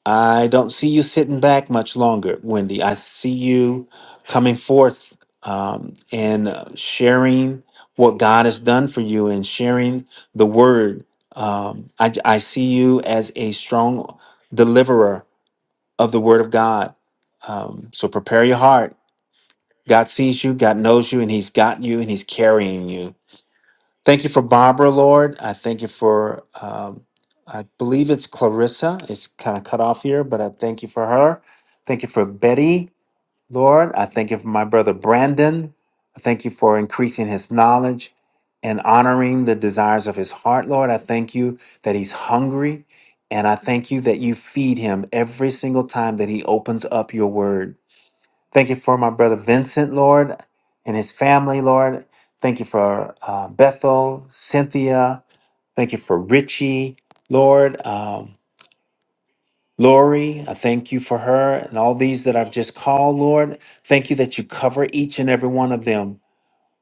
A: I don't see you sitting back much longer, Wendy. I see you coming forth um, and uh, sharing what God has done for you and sharing the word. Um, I, I see you as a strong deliverer of the word of God. Um, so prepare your heart God sees you, God knows you, and He's got you, and He's carrying you. Thank you for Barbara, Lord. I thank you for, um, I believe it's Clarissa. It's kind of cut off here, but I thank you for her. Thank you for Betty, Lord. I thank you for my brother Brandon. I thank you for increasing his knowledge and honoring the desires of his heart, Lord. I thank you that he's hungry, and I thank you that you feed him every single time that he opens up your word. Thank you for my brother Vincent, Lord, and his family, Lord. Thank you for uh, Bethel, Cynthia. Thank you for Richie, Lord. Um, Lori, I thank you for her and all these that I've just called, Lord. Thank you that you cover each and every one of them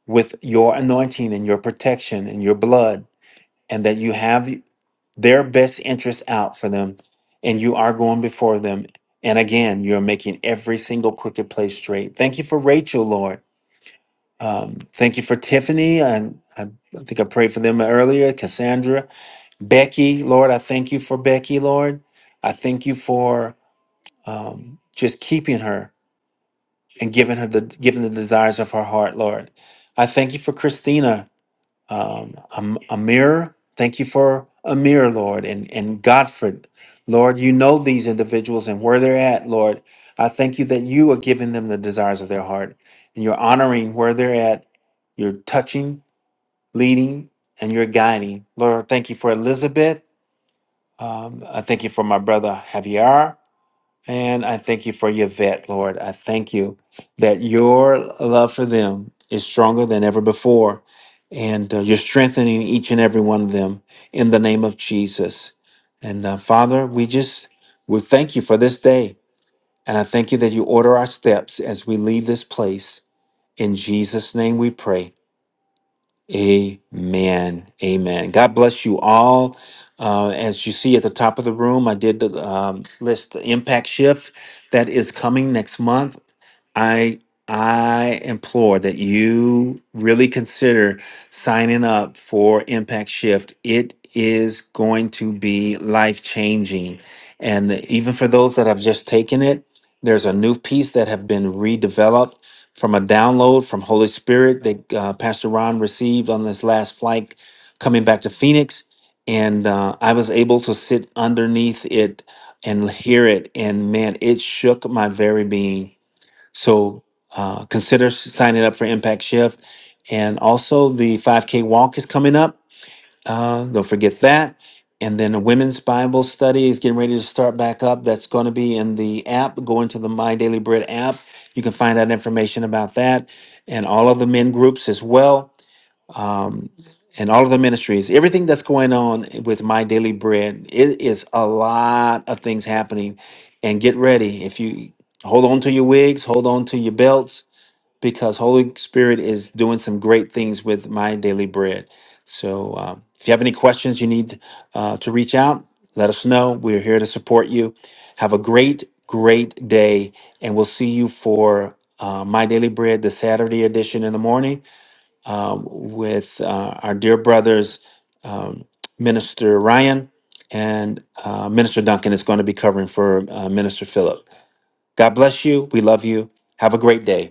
A: with your anointing and your protection and your blood, and that you have their best interests out for them, and you are going before them. And again, you're making every single crooked place straight. Thank you for Rachel, Lord. Um, thank you for Tiffany. And I, I think I prayed for them earlier, Cassandra, Becky, Lord. I thank you for Becky, Lord. I thank you for um, just keeping her and giving her the giving the desires of her heart, Lord. I thank you for Christina um, Am- Amir. Thank you for Amir, Lord, and, and Godfred. Lord, you know these individuals and where they're at, Lord. I thank you that you are giving them the desires of their heart and you're honoring where they're at. You're touching, leading, and you're guiding. Lord, thank you for Elizabeth. Um, I thank you for my brother Javier. And I thank you for your vet, Lord. I thank you that your love for them is stronger than ever before. And uh, you're strengthening each and every one of them in the name of Jesus. And uh, Father, we just, we thank you for this day. And I thank you that you order our steps as we leave this place. In Jesus' name we pray. Amen. Amen. God bless you all. Uh, as you see at the top of the room, I did um, list the impact shift that is coming next month. I I implore that you really consider signing up for Impact Shift. It is going to be life changing, and even for those that have just taken it, there's a new piece that have been redeveloped from a download from Holy Spirit that uh, Pastor Ron received on this last flight coming back to Phoenix. And uh, I was able to sit underneath it and hear it. And man, it shook my very being. So uh, consider signing up for Impact Shift. And also, the 5K walk is coming up. Uh, don't forget that. And then the women's Bible study is getting ready to start back up. That's going to be in the app. Go into the My Daily Bread app. You can find out information about that and all of the men groups as well. Um, and all of the ministries, everything that's going on with My Daily Bread, it is a lot of things happening. And get ready. If you hold on to your wigs, hold on to your belts, because Holy Spirit is doing some great things with my daily bread. So um, if you have any questions, you need uh, to reach out. Let us know. We're here to support you. Have a great, great day, and we'll see you for uh, My Daily Bread, the Saturday edition in the morning um, with uh, our dear brothers, um, Minister Ryan and uh, Minister Duncan is going to be covering for uh, Minister Philip. God bless you. We love you. Have a great day.